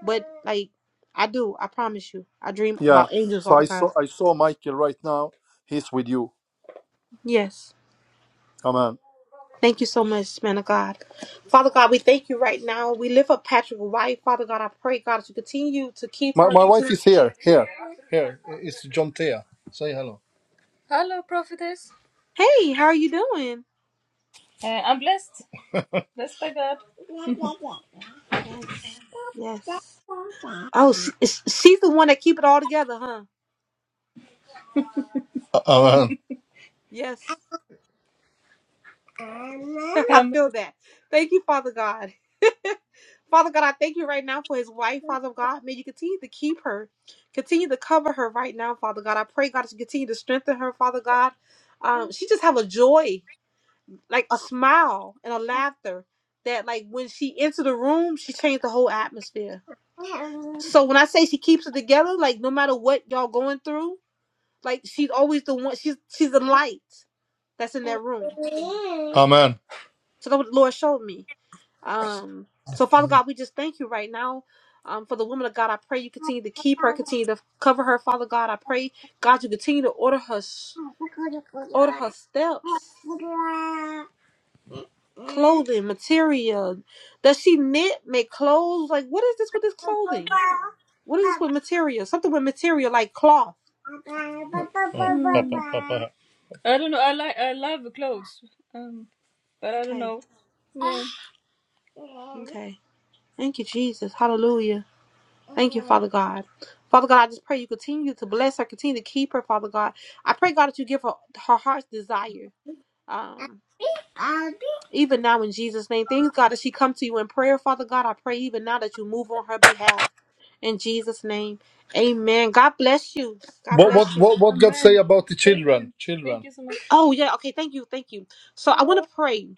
Speaker 1: but like I do. I promise you, I dream
Speaker 9: Yeah.
Speaker 1: about angels
Speaker 9: So
Speaker 1: all the
Speaker 9: I saw
Speaker 1: time.
Speaker 9: I saw Michael right now. He's with you.
Speaker 1: Yes.
Speaker 9: Amen.
Speaker 1: Thank you so much, man of God. Father God, we thank you right now. We lift up Patrick White. Father God, I pray, God, that you continue to keep
Speaker 9: My,
Speaker 1: her.
Speaker 9: my wife
Speaker 1: Continue.
Speaker 9: is here. Here. Here. It's John Thea. Say hello. Hello, prophetess.
Speaker 1: Hey, how are you doing?
Speaker 9: Uh, I'm blessed. Blessed by God.
Speaker 1: Yes. Yes. Oh, she, is- she's the one that keep it all together, huh?
Speaker 9: Amen.
Speaker 1: Yes. I
Speaker 9: Amen. Um,
Speaker 1: feel that. Thank you, Father God. Father God, I thank you right now for his wife, Father God. May you continue to keep her. Continue to cover her right now, Father God. I pray, God, that you continue to strengthen her, Father God. Um, she just have a joy. like a smile and a laughter that like when she entered the room, she changed the whole atmosphere. So when I say she keeps it together, like no matter what y'all going through, like she's always the one. She's she's the light that's in that room.
Speaker 9: Amen.
Speaker 1: So that's what the Lord showed me. Um. So Father God, we just thank you right now. Um, for the woman of God, I pray you continue to keep her, continue to cover her. Father God, I pray God you continue to order her, s- order her steps.
Speaker 9: Mm.
Speaker 1: clothing material. Does she knit, make clothes? Like, what is this with this clothing? What is this with material? Something with material, like cloth.
Speaker 9: Papa, papa. I don't know. I like. I love clothes. Um, but I don't
Speaker 1: Okay,
Speaker 9: know.
Speaker 1: okay. Thank you, Jesus. Hallelujah. Thank you,
Speaker 9: Yeah.
Speaker 1: Father God. Father God, I just pray you continue to bless her, continue to keep her, Father God. I pray, God, that you give her her heart's desire. Um,
Speaker 9: What
Speaker 1: even now in Jesus' name. Things, God, that she come to you in prayer, Father God. I pray even now that you move on her behalf. In Jesus' name. Amen. God bless you. God
Speaker 9: what
Speaker 1: bless you.
Speaker 9: what what God say about the children? Children. Thank you so much.
Speaker 1: Oh yeah, okay, thank you, thank you. So I want to pray,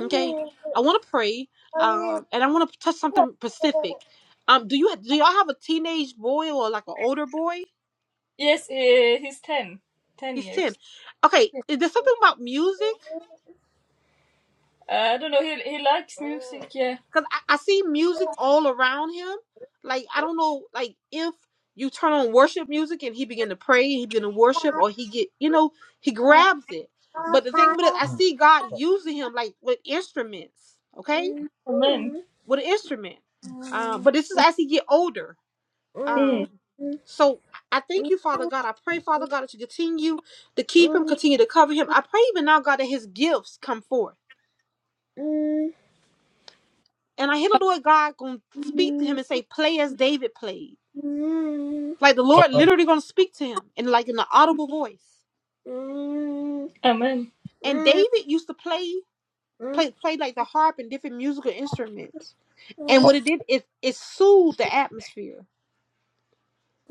Speaker 1: okay? I want to pray, um, and I want to touch something specific. Um, do you do y'all have a teenage boy or like an older boy?
Speaker 9: Yes, uh, he's 10. 10
Speaker 1: He's ten.
Speaker 9: years.
Speaker 1: Okay, is there something about music?
Speaker 9: Uh, I don't know, he, he likes music, yeah.
Speaker 1: Cause I, I see music all around him. Like I don't know, like if you turn on worship music and he begin to pray, he begin to worship, or he get, you know, he grabs it. But the thing with it, I see God using him like with instruments. okay?
Speaker 9: Amen.
Speaker 1: with an instrument.
Speaker 9: Mm.
Speaker 1: Um, but this is as he get older. Um, so I thank you, Father God. I pray, Father God, that you continue to keep him, continue to cover him. I pray even now, God, that his gifts come forth. And I hear the Lord God gonna speak to him and say, "Play as David played." Like the Lord literally gonna speak to him and like in an audible voice.
Speaker 9: Amen. Amen.
Speaker 1: And David used to play, play, play like the harp and different musical instruments. And
Speaker 9: Ha-
Speaker 1: what it did is it soothed the atmosphere.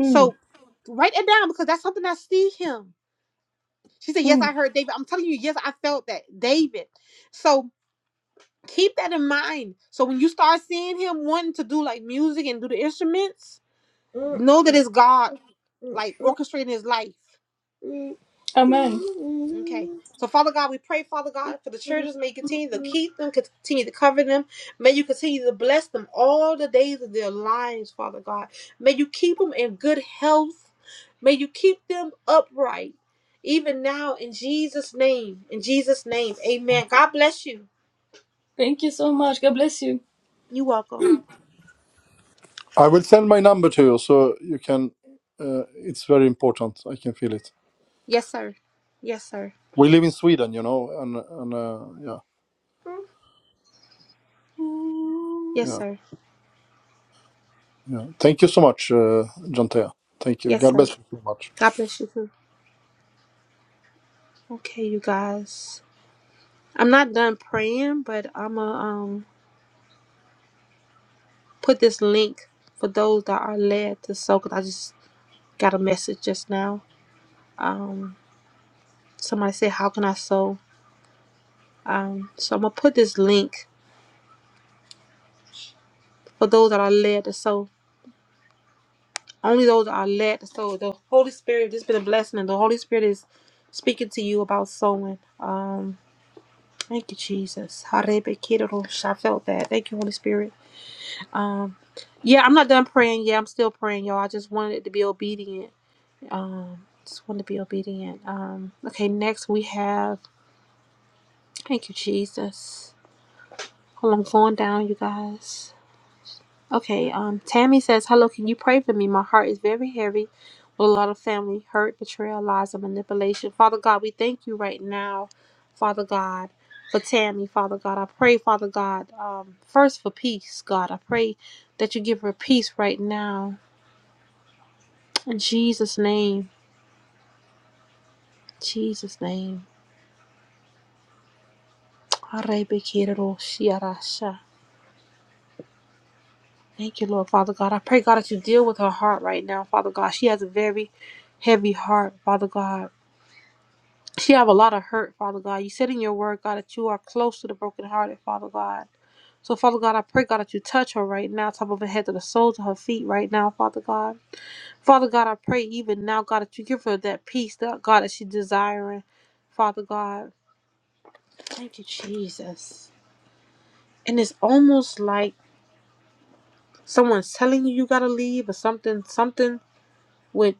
Speaker 1: So write that down because that's something I see him She said, Yes,
Speaker 9: Mm.
Speaker 1: I heard David. I'm telling you, yes, I felt that. David. So keep that in mind. So when you start seeing him wanting to do like music and do the instruments, know that it's God like
Speaker 9: Mm.
Speaker 1: orchestrating his life.
Speaker 9: Amen.
Speaker 1: Okay. So Father God, we pray, Father God, for the children. May you continue to keep them, continue to cover them. May you continue to bless them all the days of their lives, Father God. May you keep them in good health. May you keep them upright. Even now, in Jesus' name, in Jesus' name, amen. God bless you.
Speaker 9: Thank you so much. God bless you.
Speaker 1: You're welcome.
Speaker 9: I will send my number to you so you can. Uh, it's very important. I can feel it.
Speaker 1: Yes, sir. Yes, sir.
Speaker 9: We live in Sweden, you know, and and uh, yeah,
Speaker 1: Yes,
Speaker 9: yeah,
Speaker 1: sir.
Speaker 9: yeah. Thank you so much, uh, Jantea. Thank you.
Speaker 1: Yes,
Speaker 9: God
Speaker 1: sir.
Speaker 9: bless you so much.
Speaker 1: God bless you too. Okay, you guys. I'm not done praying, but I'ma um put this link for those that are led to sow. Cause I just got a message just now. Um, somebody said, "How can I sow?" Um, so I'm gonna put this link for those that are led to sow. Only those that are led to sow. The Holy Spirit. This has been a blessing, and the Holy Spirit is speaking to you about sowing. Um Thank you, Jesus. Harebekidosh. I felt that. Thank you, Holy Spirit. Um, yeah, I'm not done praying. Yeah, I'm still praying, y'all. I just wanted to be obedient. Um, just wanted to be obedient. Um, okay, next we have. Thank you, Jesus. Hold on, I'm going down, you guys. Okay. Um, Tammy says, "Hello, can you pray for me? My heart is very heavy. Lord, a lot of family hurt, betrayal, lies, and manipulation. Father God, we thank you right now, Father God, for Tammy, Father God. I pray, Father God, um, first for peace, God. I pray that you give her peace right now. In Jesus' name, Jesus' name. Thank you, Lord, Father God. I pray, God, that you deal with her heart right now, Father God. She has a very heavy heart, Father God. She have a lot of hurt, Father God. You said in your word, God, that you are close to the brokenhearted, Father God. So, Father God, I pray, God, that you touch her right now, top of her head to the soles of her feet right now, Father God. Father God, I pray even now, God, that you give her that peace, that God, that she's desiring, Father God. Thank you, Jesus. And it's almost like someone's telling you you gotta leave or something, something with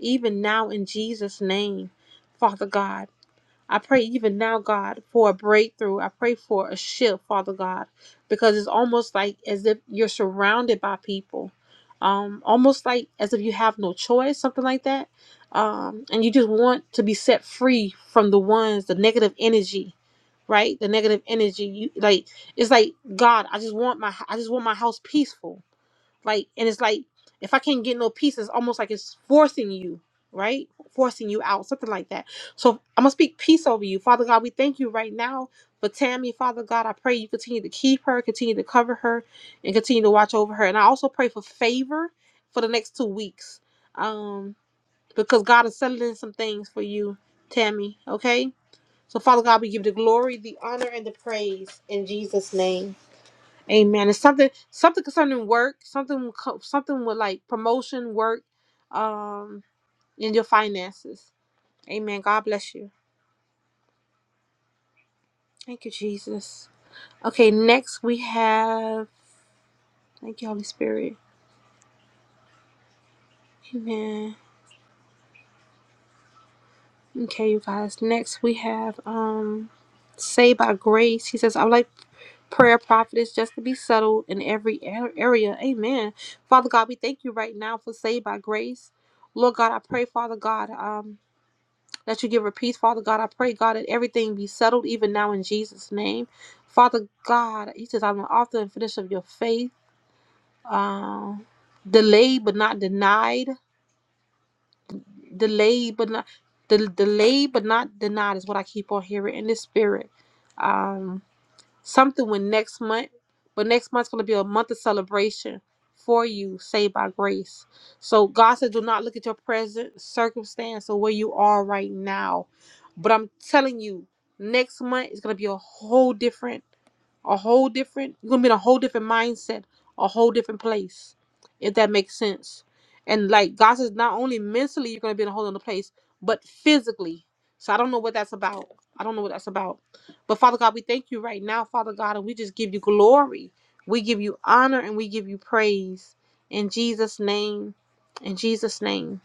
Speaker 1: even now in Jesus' name, Father God. I pray even now, God, for a breakthrough. I pray for a shift, Father God, because it's almost like as if you're surrounded by people um, almost like as if you have no choice, something like that. Um, and you just want to be set free from the ones, the negative energy, right? The negative energy. You like it's like God. I just want my I just want my house peaceful. Like, and it's like if I can't get no peace, it's almost like it's forcing you, right? Forcing you out, something like that. So I'm gonna speak peace over you, Father God. We thank you right now for Tammy, Father God. I pray you continue to keep her, continue to cover her, and continue to watch over her. And I also pray for favor for the next two weeks, um, because God is settling some things for you, Tammy. Okay. So Father God, we give you the glory, the honor, and the praise in Jesus' name. Amen. It's something something concerning work, something co- something with like promotion, work, um, and your finances. Amen. God bless you. Thank you, Jesus. Okay, next we have thank you, Holy Spirit. Amen. Okay, you guys. Next we have um Saved by Grace. He says, I would like prayer prophetess just to be settled in every a- area. Amen. Father God, we thank you right now for saved by grace. Lord God, I pray, Father God. um. that you give her peace, Father God. I pray, God, that everything be settled even now in Jesus' name. Father God, He says, I'm the author and finisher of your faith. Um, delayed but not denied. Delayed but not. del delayed but not denied is what I keep on hearing in the spirit. Um, something with next month, but next month's going to be a month of celebration for you, saved by grace. So God says, do not look at your present circumstance or where you are right now. But I'm telling you, next month is going to be a whole different a whole different you're gonna be in a whole different mindset a whole different place if that makes sense and like god says not only mentally you're gonna be in a whole other place but physically so i don't know what that's about i don't know what that's about but father god we thank you right now father god and we just give you glory we give you honor and we give you praise in jesus name in jesus name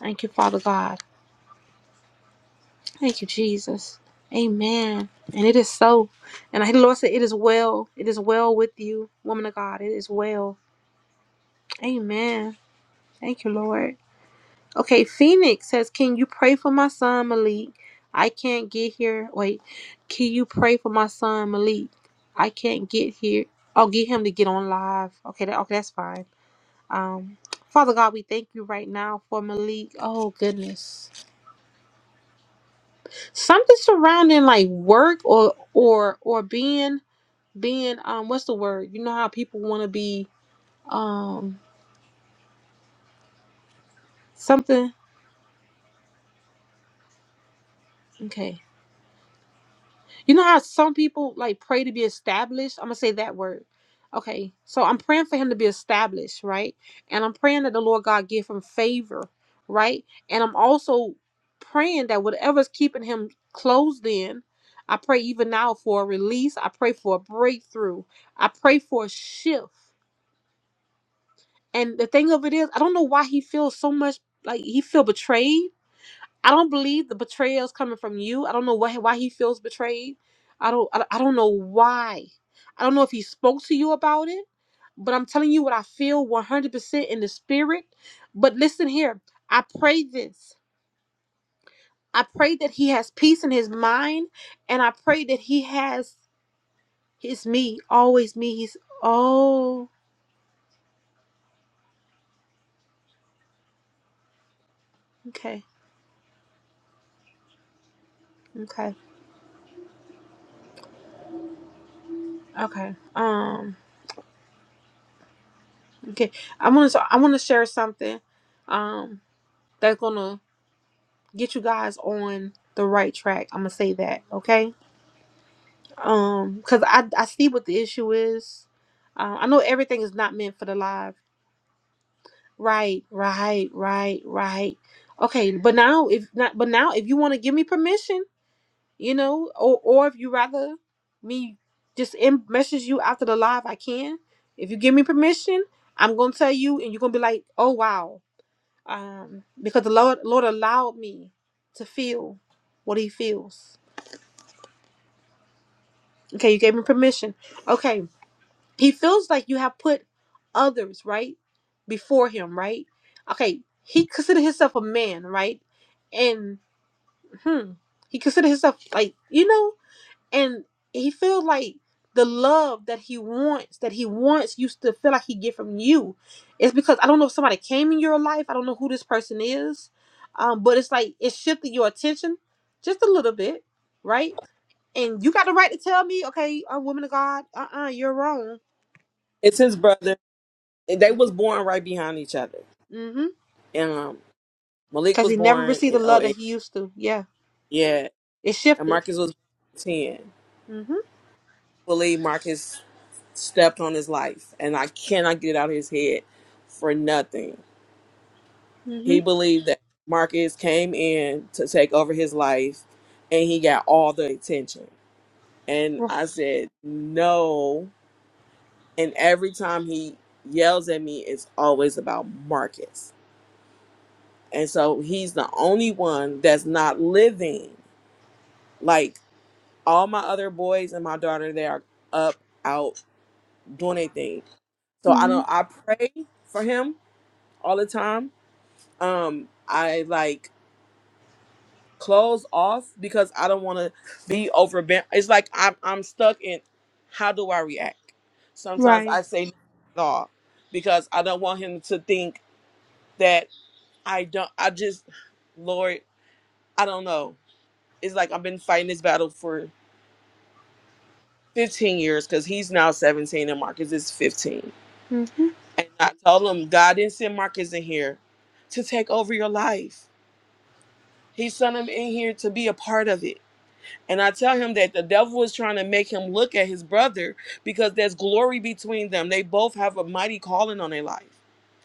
Speaker 1: thank you father god Thank you, Jesus. Amen. And it is so. And I hear the Lord said, It is well. It is well with you, woman of God. It is well. Amen. Thank you, Lord. Okay, Phoenix says, Can you pray for my son Malik? I can't get here. Wait, can you pray for my son Malik? I can't get here. I'll get him to get on live. Okay, that, okay, that's fine. Um, Father God, we thank you right now for Malik. Oh goodness, something surrounding like work or or or being being um what's the word you know how people want to be um something okay you know how some people like pray to be established i'm gonna say that word okay so i'm praying for him to be established right and i'm praying that the lord god give him favor right and i'm also praying that whatever's keeping him closed in i pray even now for a release i pray for a breakthrough i pray for a shift and the thing of it is i don't know why he feels so much like he feel betrayed I don't believe the betrayal is coming from you. I don't know why why he feels betrayed. I don't I, I don't know why. I don't know if he spoke to you about it, but I'm telling you what I feel 100% in the spirit. But listen here. I pray this. I pray that he has peace in his mind and I pray that he has his me, always me. He's oh, okay. Okay. Okay. Um okay. I want to I want to share something um that's going to get you guys on the right track. I'm gonna say that, okay? Um, cause I I see what the issue is. Uh, I know everything is not meant for the live. Right, right, right, right. Okay, but now if not, but now if you want to give me permission, you know, or or if you rather me just in, message you after the live, I can. If you give me permission, I'm gonna tell you, and you're gonna be like, oh wow, um, because the Lord Lord allowed me to feel what He feels Okay, you gave me permission. Okay, he feels like you have put others right before him, right? Okay, he considered himself a man, right? And hmm, he considered himself like you know, and he feels like the love that he wants, that he wants, used to feel like he get from you. It's because I don't know if somebody came in your life. I don't know who this person is, um, but it's like it shifted your attention just a little bit, right? And you got the right to tell me, okay, a woman of God, uh uh you are wrong.
Speaker 10: It's his brother. And They was
Speaker 1: Okay.
Speaker 10: born right behind each other.
Speaker 1: Mm hmm.
Speaker 10: And um, Malik
Speaker 1: Because
Speaker 10: was
Speaker 1: he never
Speaker 10: born
Speaker 1: received the
Speaker 10: in
Speaker 1: love that
Speaker 10: '08.
Speaker 1: he used to. Yeah.
Speaker 10: Yeah.
Speaker 1: It
Speaker 10: And
Speaker 1: shifted.
Speaker 10: Marcus was born in 10.
Speaker 1: Mm hmm.
Speaker 10: believe Marcus stepped on his life. And I cannot get it out of his head for nothing. He
Speaker 1: Mm
Speaker 10: believed that Marcus came in to take over his life and he got all the attention. And
Speaker 1: hmm.
Speaker 10: I said, no. And every time he yells at me, it's always about Marcus. And so he's the only one that's not living. Like all my other boys and my daughter, they are up, out, doing their So
Speaker 1: Mm
Speaker 10: I don't
Speaker 1: hmm.
Speaker 10: I pray for him all the time. Um, I like close off because I don't wanna be overbent. It's like I'm I'm stuck in how do I react? Sometimes
Speaker 1: Right.
Speaker 10: I say nothing at all because I don't want him to think that I don't I just Lord, I don't know. It's like I've been fighting this battle for 15 years because he's now 17 and Marcus is 15.
Speaker 1: Mm hmm.
Speaker 10: And I told him, God didn't send Marcus in here to take over your life. He sent him in here to be a part of it. And I tell him that the devil was trying to make him look at his brother because there's glory between them. They both have a mighty calling on their life.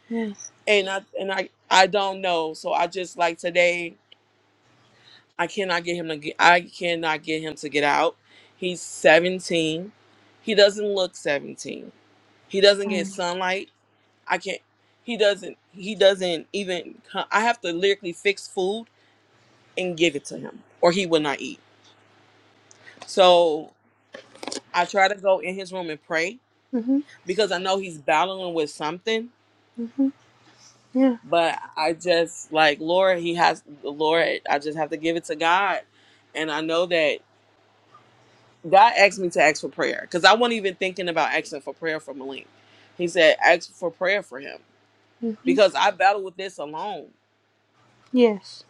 Speaker 1: Yes.
Speaker 10: And I and I I don't know. So I just like today. I cannot get him to get. I cannot get him to get out. He's 17. He doesn't look 17. He doesn't get sunlight. I can't. He doesn't. He doesn't even. co- I have to lyrically fix food and give it to him, or he will not eat. So I try to go in his room and pray
Speaker 1: Mm hmm.
Speaker 10: because I know he's battling with something.
Speaker 1: Mm hmm. Yeah.
Speaker 10: But I just like Lord. He has Lord. I just have to give it to God, and I know that. God asked me to ask for prayer because I wasn't even thinking about asking for prayer for Malik. He said, ask for prayer for him
Speaker 1: Mm hmm.
Speaker 10: because I battle with this alone.
Speaker 1: Yes.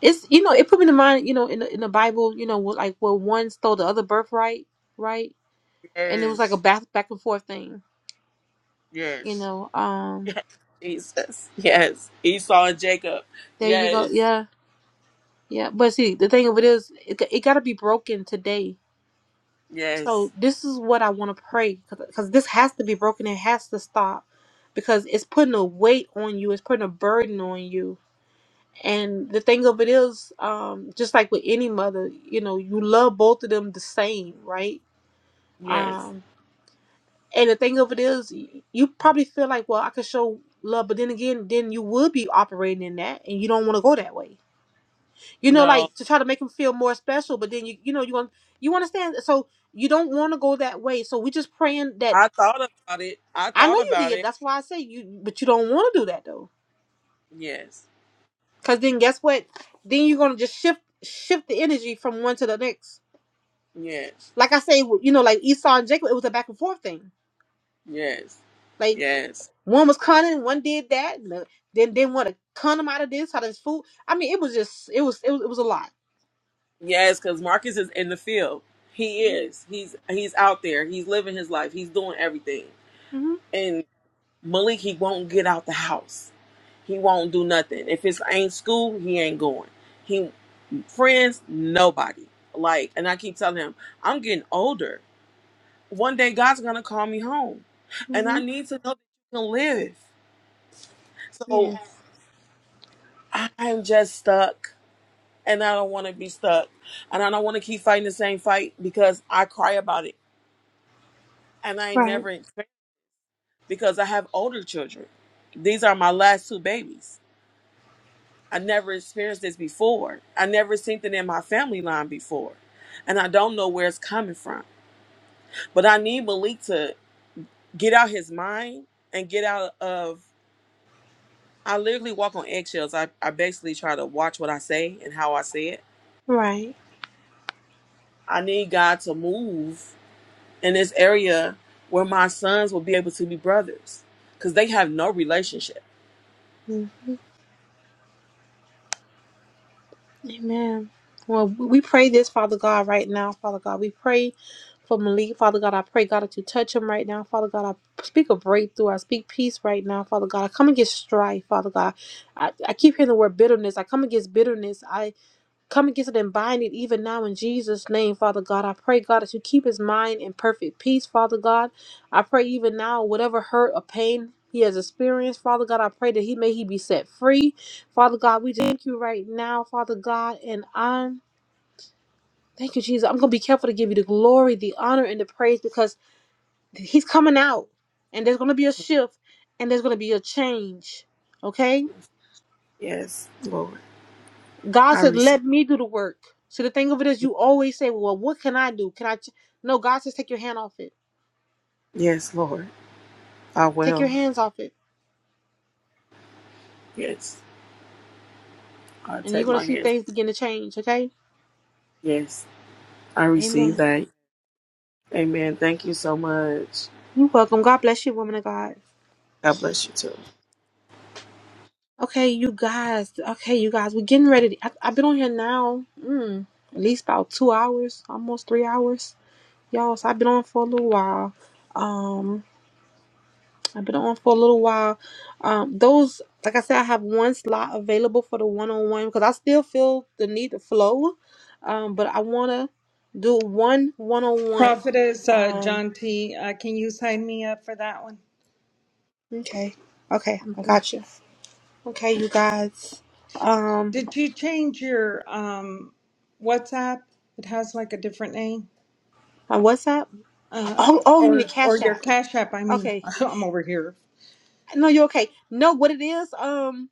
Speaker 1: It's, you know, it put me to mind, you know, in the, in the Bible, you know, where, like where one stole the other birthright, right? And it was like a
Speaker 10: Yes,
Speaker 1: back, back and forth thing, you
Speaker 10: yes,
Speaker 1: know. Um,
Speaker 10: yes, Jesus. Yes, Esau and Jacob.
Speaker 1: There you go.
Speaker 10: Yes,
Speaker 1: Yeah. Yeah. But see, the thing of it is, it, it got to be broken today
Speaker 10: yes,
Speaker 1: So this is what I want to pray because this has to be broken. It has to stop because it's putting a weight on you. It's putting a burden on you. And the thing of it is, um, just like with any mother, you know, you love both of them the same, right?
Speaker 10: yes.
Speaker 1: Um, and the thing of it is, y- you probably feel like, well, I could show love, but then again, then you would be operating in that, and you don't want to go that way. You know,
Speaker 10: No,
Speaker 1: like to try to make them feel more special, but then you, you know, you want you understand. So you don't want to go that way. So we just praying that
Speaker 10: I thought about it. I
Speaker 1: I know
Speaker 10: thought
Speaker 1: you
Speaker 10: about
Speaker 1: did.
Speaker 10: it.
Speaker 1: That's why I say you, but you don't want to do that though,
Speaker 10: Yes,
Speaker 1: because then guess what? Then you're gonna just shift shift the energy from one to the next.
Speaker 10: yes,
Speaker 1: Like I say, you know, like Esau and Jacob, it was a back and forth thing.
Speaker 10: yes,
Speaker 1: Like
Speaker 10: yes,
Speaker 1: one was cunning, one did that, and the- then did want to con him out of this, out of his food. I mean, it was just, it was, it was, it was a lot.
Speaker 10: yes, because Marcus is in the field. He is. He's he's out there. He's living his life. He's doing everything.
Speaker 1: hmm
Speaker 10: Malik, he won't get out the house. He won't do nothing. If it's ain't school, he ain't going. He friends, nobody. Like, and I keep telling him, I'm getting older. One day God's gonna call me home. And I need to know that you can live. So I'm just stuck and I don't wanna be stuck. And I don't wanna keep fighting the same fight because I cry about it. And I ain't never expect because I have older children. These are my last two babies I never experienced this before. I never seen it in my family line before. And I don't know where it's coming from. But I need Malik to get out his mind and get out of I literally walk on eggshells. I, I basically try to watch what I say and how I say it.
Speaker 1: Right.
Speaker 10: I need God to move in this area where my sons will be able to be brothers. Because they have no relationship.
Speaker 1: Mm. Amen. Well, we pray this, Father God, right now, Father God. We pray for Malik. Father God, I pray, God, that you touch him right now. Father God, I speak a breakthrough. I speak peace right now, Father God. I come against strife, Father God. I, I keep hearing the word bitterness. I come against bitterness. I come against it and bind it even now in Jesus' name, Father God. I pray, God, that you keep his mind in perfect peace, Father God. I pray even now, whatever hurt or pain. He has experienced, Father God. I pray that he may he be set free, Father God. We thank you right now, Father God, and I'm Thank you, Jesus. I'm going to be careful to give you the glory, the honor, and the praise because He's coming out, and there's going to be a shift, and there's going to be a change. Okay?
Speaker 10: Yes, Lord.
Speaker 1: God
Speaker 10: I
Speaker 1: said,
Speaker 10: receive.
Speaker 1: Let me do the work. So the thing of it is, you always say, Well, what can I do? Can I? Ch-? No, God says, Take your hand off it.
Speaker 10: Yes, Lord. I
Speaker 1: Take your
Speaker 10: will.
Speaker 1: hands off it.
Speaker 10: Yes. I
Speaker 1: And you're
Speaker 10: take
Speaker 1: going
Speaker 10: my
Speaker 1: to see
Speaker 10: hands.
Speaker 1: things begin to change. Okay?
Speaker 10: Yes. I receive
Speaker 1: Amen.
Speaker 10: that. Amen. Thank you so much.
Speaker 1: You're welcome. God bless you, woman of God.
Speaker 10: God bless you too.
Speaker 1: Okay, you guys. Okay, you guys. We're getting ready. To, I, I've been on here now, mm, at least about two hours, almost three hours. Y'all, so I've been on for a little while. Um. I've been on for a little while. Um, those, like I said, I have one slot available for the one on one because I still feel the need to flow. Um, but I want to do one one on one.
Speaker 2: Prophetess uh,
Speaker 1: Um,
Speaker 2: John T, uh, can you sign me up for that one?
Speaker 1: okay, okay, I
Speaker 2: Mhm.
Speaker 1: got you. Okay, you guys. Um,
Speaker 2: Did you change your um, WhatsApp? It has like a different name,
Speaker 1: my WhatsApp.
Speaker 2: uh,
Speaker 1: Oh, oh, you mean the
Speaker 2: or or
Speaker 1: Cash
Speaker 2: your
Speaker 1: App?
Speaker 2: Cash App? I mean,
Speaker 1: Okay,
Speaker 2: I'm over here.
Speaker 1: no, you're okay. No, what it is? Um,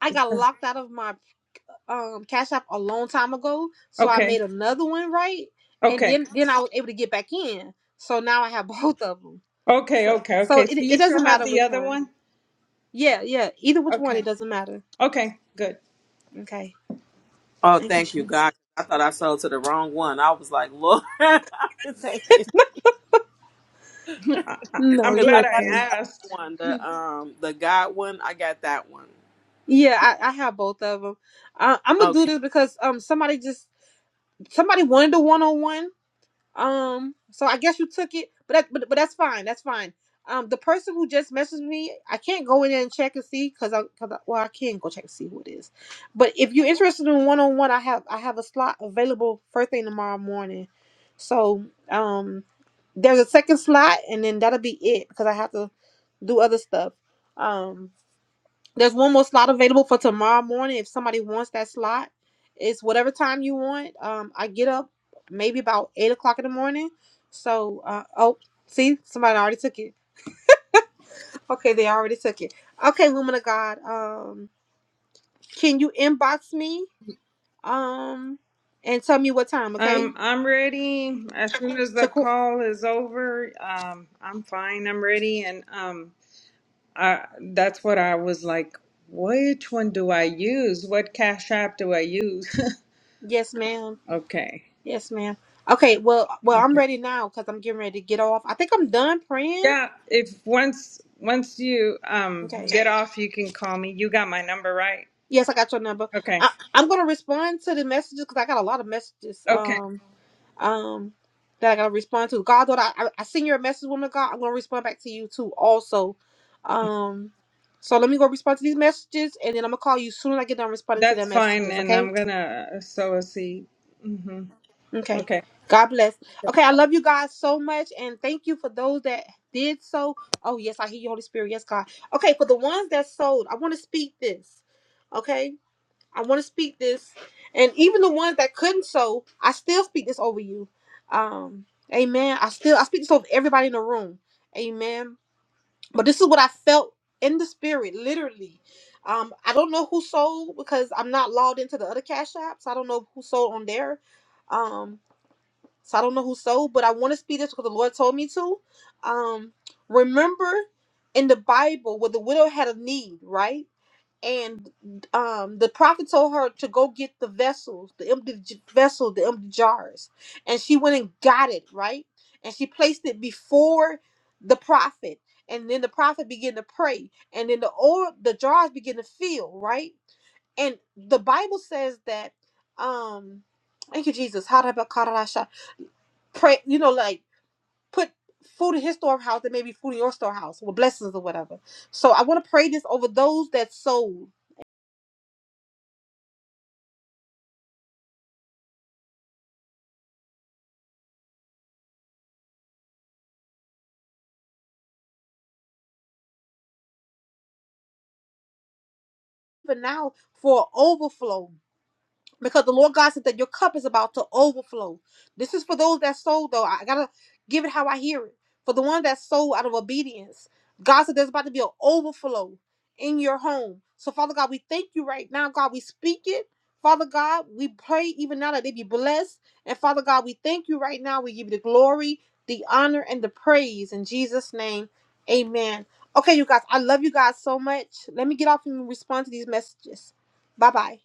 Speaker 1: I
Speaker 2: It's
Speaker 1: got
Speaker 2: uh,
Speaker 1: locked out of my um Cash App a long time ago, so I
Speaker 2: okay,
Speaker 1: made another one right, and
Speaker 2: okay,
Speaker 1: then then I was able to get back in. So now I have both of them.
Speaker 2: okay,
Speaker 1: So
Speaker 2: okay,
Speaker 1: so
Speaker 2: okay. So
Speaker 1: it
Speaker 2: you
Speaker 1: it
Speaker 2: still
Speaker 1: doesn't
Speaker 2: have
Speaker 1: matter
Speaker 2: the
Speaker 1: which
Speaker 2: other
Speaker 1: one.
Speaker 2: one?
Speaker 1: Yeah, yeah, either which one,
Speaker 2: Okay,
Speaker 1: it doesn't matter.
Speaker 2: okay, good.
Speaker 1: Okay,
Speaker 10: Oh,
Speaker 1: thank you,
Speaker 10: thank you,
Speaker 1: Jesus.
Speaker 10: God. I thought I sold to the wrong one. I was like, Lord, thank you,
Speaker 2: I, I,
Speaker 1: No,
Speaker 2: I'm
Speaker 10: because
Speaker 1: you're
Speaker 10: I
Speaker 2: glad I
Speaker 10: got
Speaker 1: okay.
Speaker 2: asked.
Speaker 10: the one, the um, the God one. I got that one.
Speaker 1: Yeah, I, I have both of them. Uh, I'm gonna
Speaker 10: Okay.
Speaker 1: do this because um somebody just somebody wanted a one on one, Um, so I guess you took it, but that, but but that's fine. That's fine. Um, the person who just messaged me, I can't go in there and check and see because I, cause I, well, I can go check and see who it is. But if you're interested in one on one, I have I have a slot available first thing tomorrow morning. So um, there's a second slot, and then that'll be it because I have to do other stuff. Um. There's one more slot available for tomorrow morning if somebody wants that slot. It's whatever time you want. Um, I get up maybe about eight o'clock in the morning. So, uh, oh, see, somebody already took it. Okay, they already took it. Okay, woman of God, um, can you inbox me, um, and tell me what time? Okay,
Speaker 2: Um, I'm ready. As soon as the
Speaker 1: Shakur-
Speaker 2: call is over, um, I'm fine. I'm ready, and um, I that's what I was like. Which one do I use? What cash app do I use?
Speaker 1: yes, ma'am.
Speaker 2: okay.
Speaker 1: Yes, ma'am. Okay, well, well, I'm ready now because I'm getting ready to get off. I think I'm done praying.
Speaker 2: Yeah. If once once you um
Speaker 1: Okay.
Speaker 2: get off, you can call me. You got my number, right?
Speaker 1: Yes, I got your number.
Speaker 2: Okay.
Speaker 1: I, I'm gonna respond to the messages because I got a lot of messages.
Speaker 2: Okay.
Speaker 1: Um, um, that I gotta respond to. God, I, I I send you a message, woman of God. I'm gonna respond back to you too, also. Um, so let me go respond to these messages, and then I'm gonna call you soon as I get done responding to their
Speaker 2: That's fine.
Speaker 1: messages.
Speaker 2: And
Speaker 1: Okay?
Speaker 2: I'm gonna sow a seed. Mm-hmm.
Speaker 1: Okay.
Speaker 2: Okay.
Speaker 1: God bless. Okay, I love you guys so much, and thank you for those that did so. Oh yes, I hear you, Holy Spirit. Yes, God. Okay, for the ones that sold, I want to speak this. Okay I want to speak this, and even the ones that couldn't sow, I still speak this over you. Um, amen. I still I speak this over everybody in the room. Amen. But this is what I felt in the spirit, literally. Um, I don't know who sold because I'm not logged into the other cash apps. I don't know who sold on there. Um, so I don't know who sold, but I want to speak this because the Lord told me to. Um, remember in the Bible where the widow had a need, right? and um, the prophet told her to go get the vessels, the empty j- vessel, the empty jars, and she went and got it right, and she placed it before the prophet, and then the prophet began to pray, and then the oil, the jars began to fill, right, and the Bible says that, um, thank you Jesus, how did I call it? I shot? pray, you know, like put food in his storehouse and maybe food in your storehouse with blessings or whatever. So I want to pray this over those that sold. even now for overflow because the Lord God said that your cup is about to overflow. This is for those that sold, though. I gotta give it how I hear it. For the one that sold out of obedience, God said there's about to be an overflow in your home. So, Father God, we thank you right now. God, we speak it. Father God, we pray even now that they be blessed. And Father God, we thank you right now. We give you the glory, the honor, and the praise in Jesus' name. Amen. Okay, you guys, I love you guys so much. Let me get off and respond to these messages. Bye bye.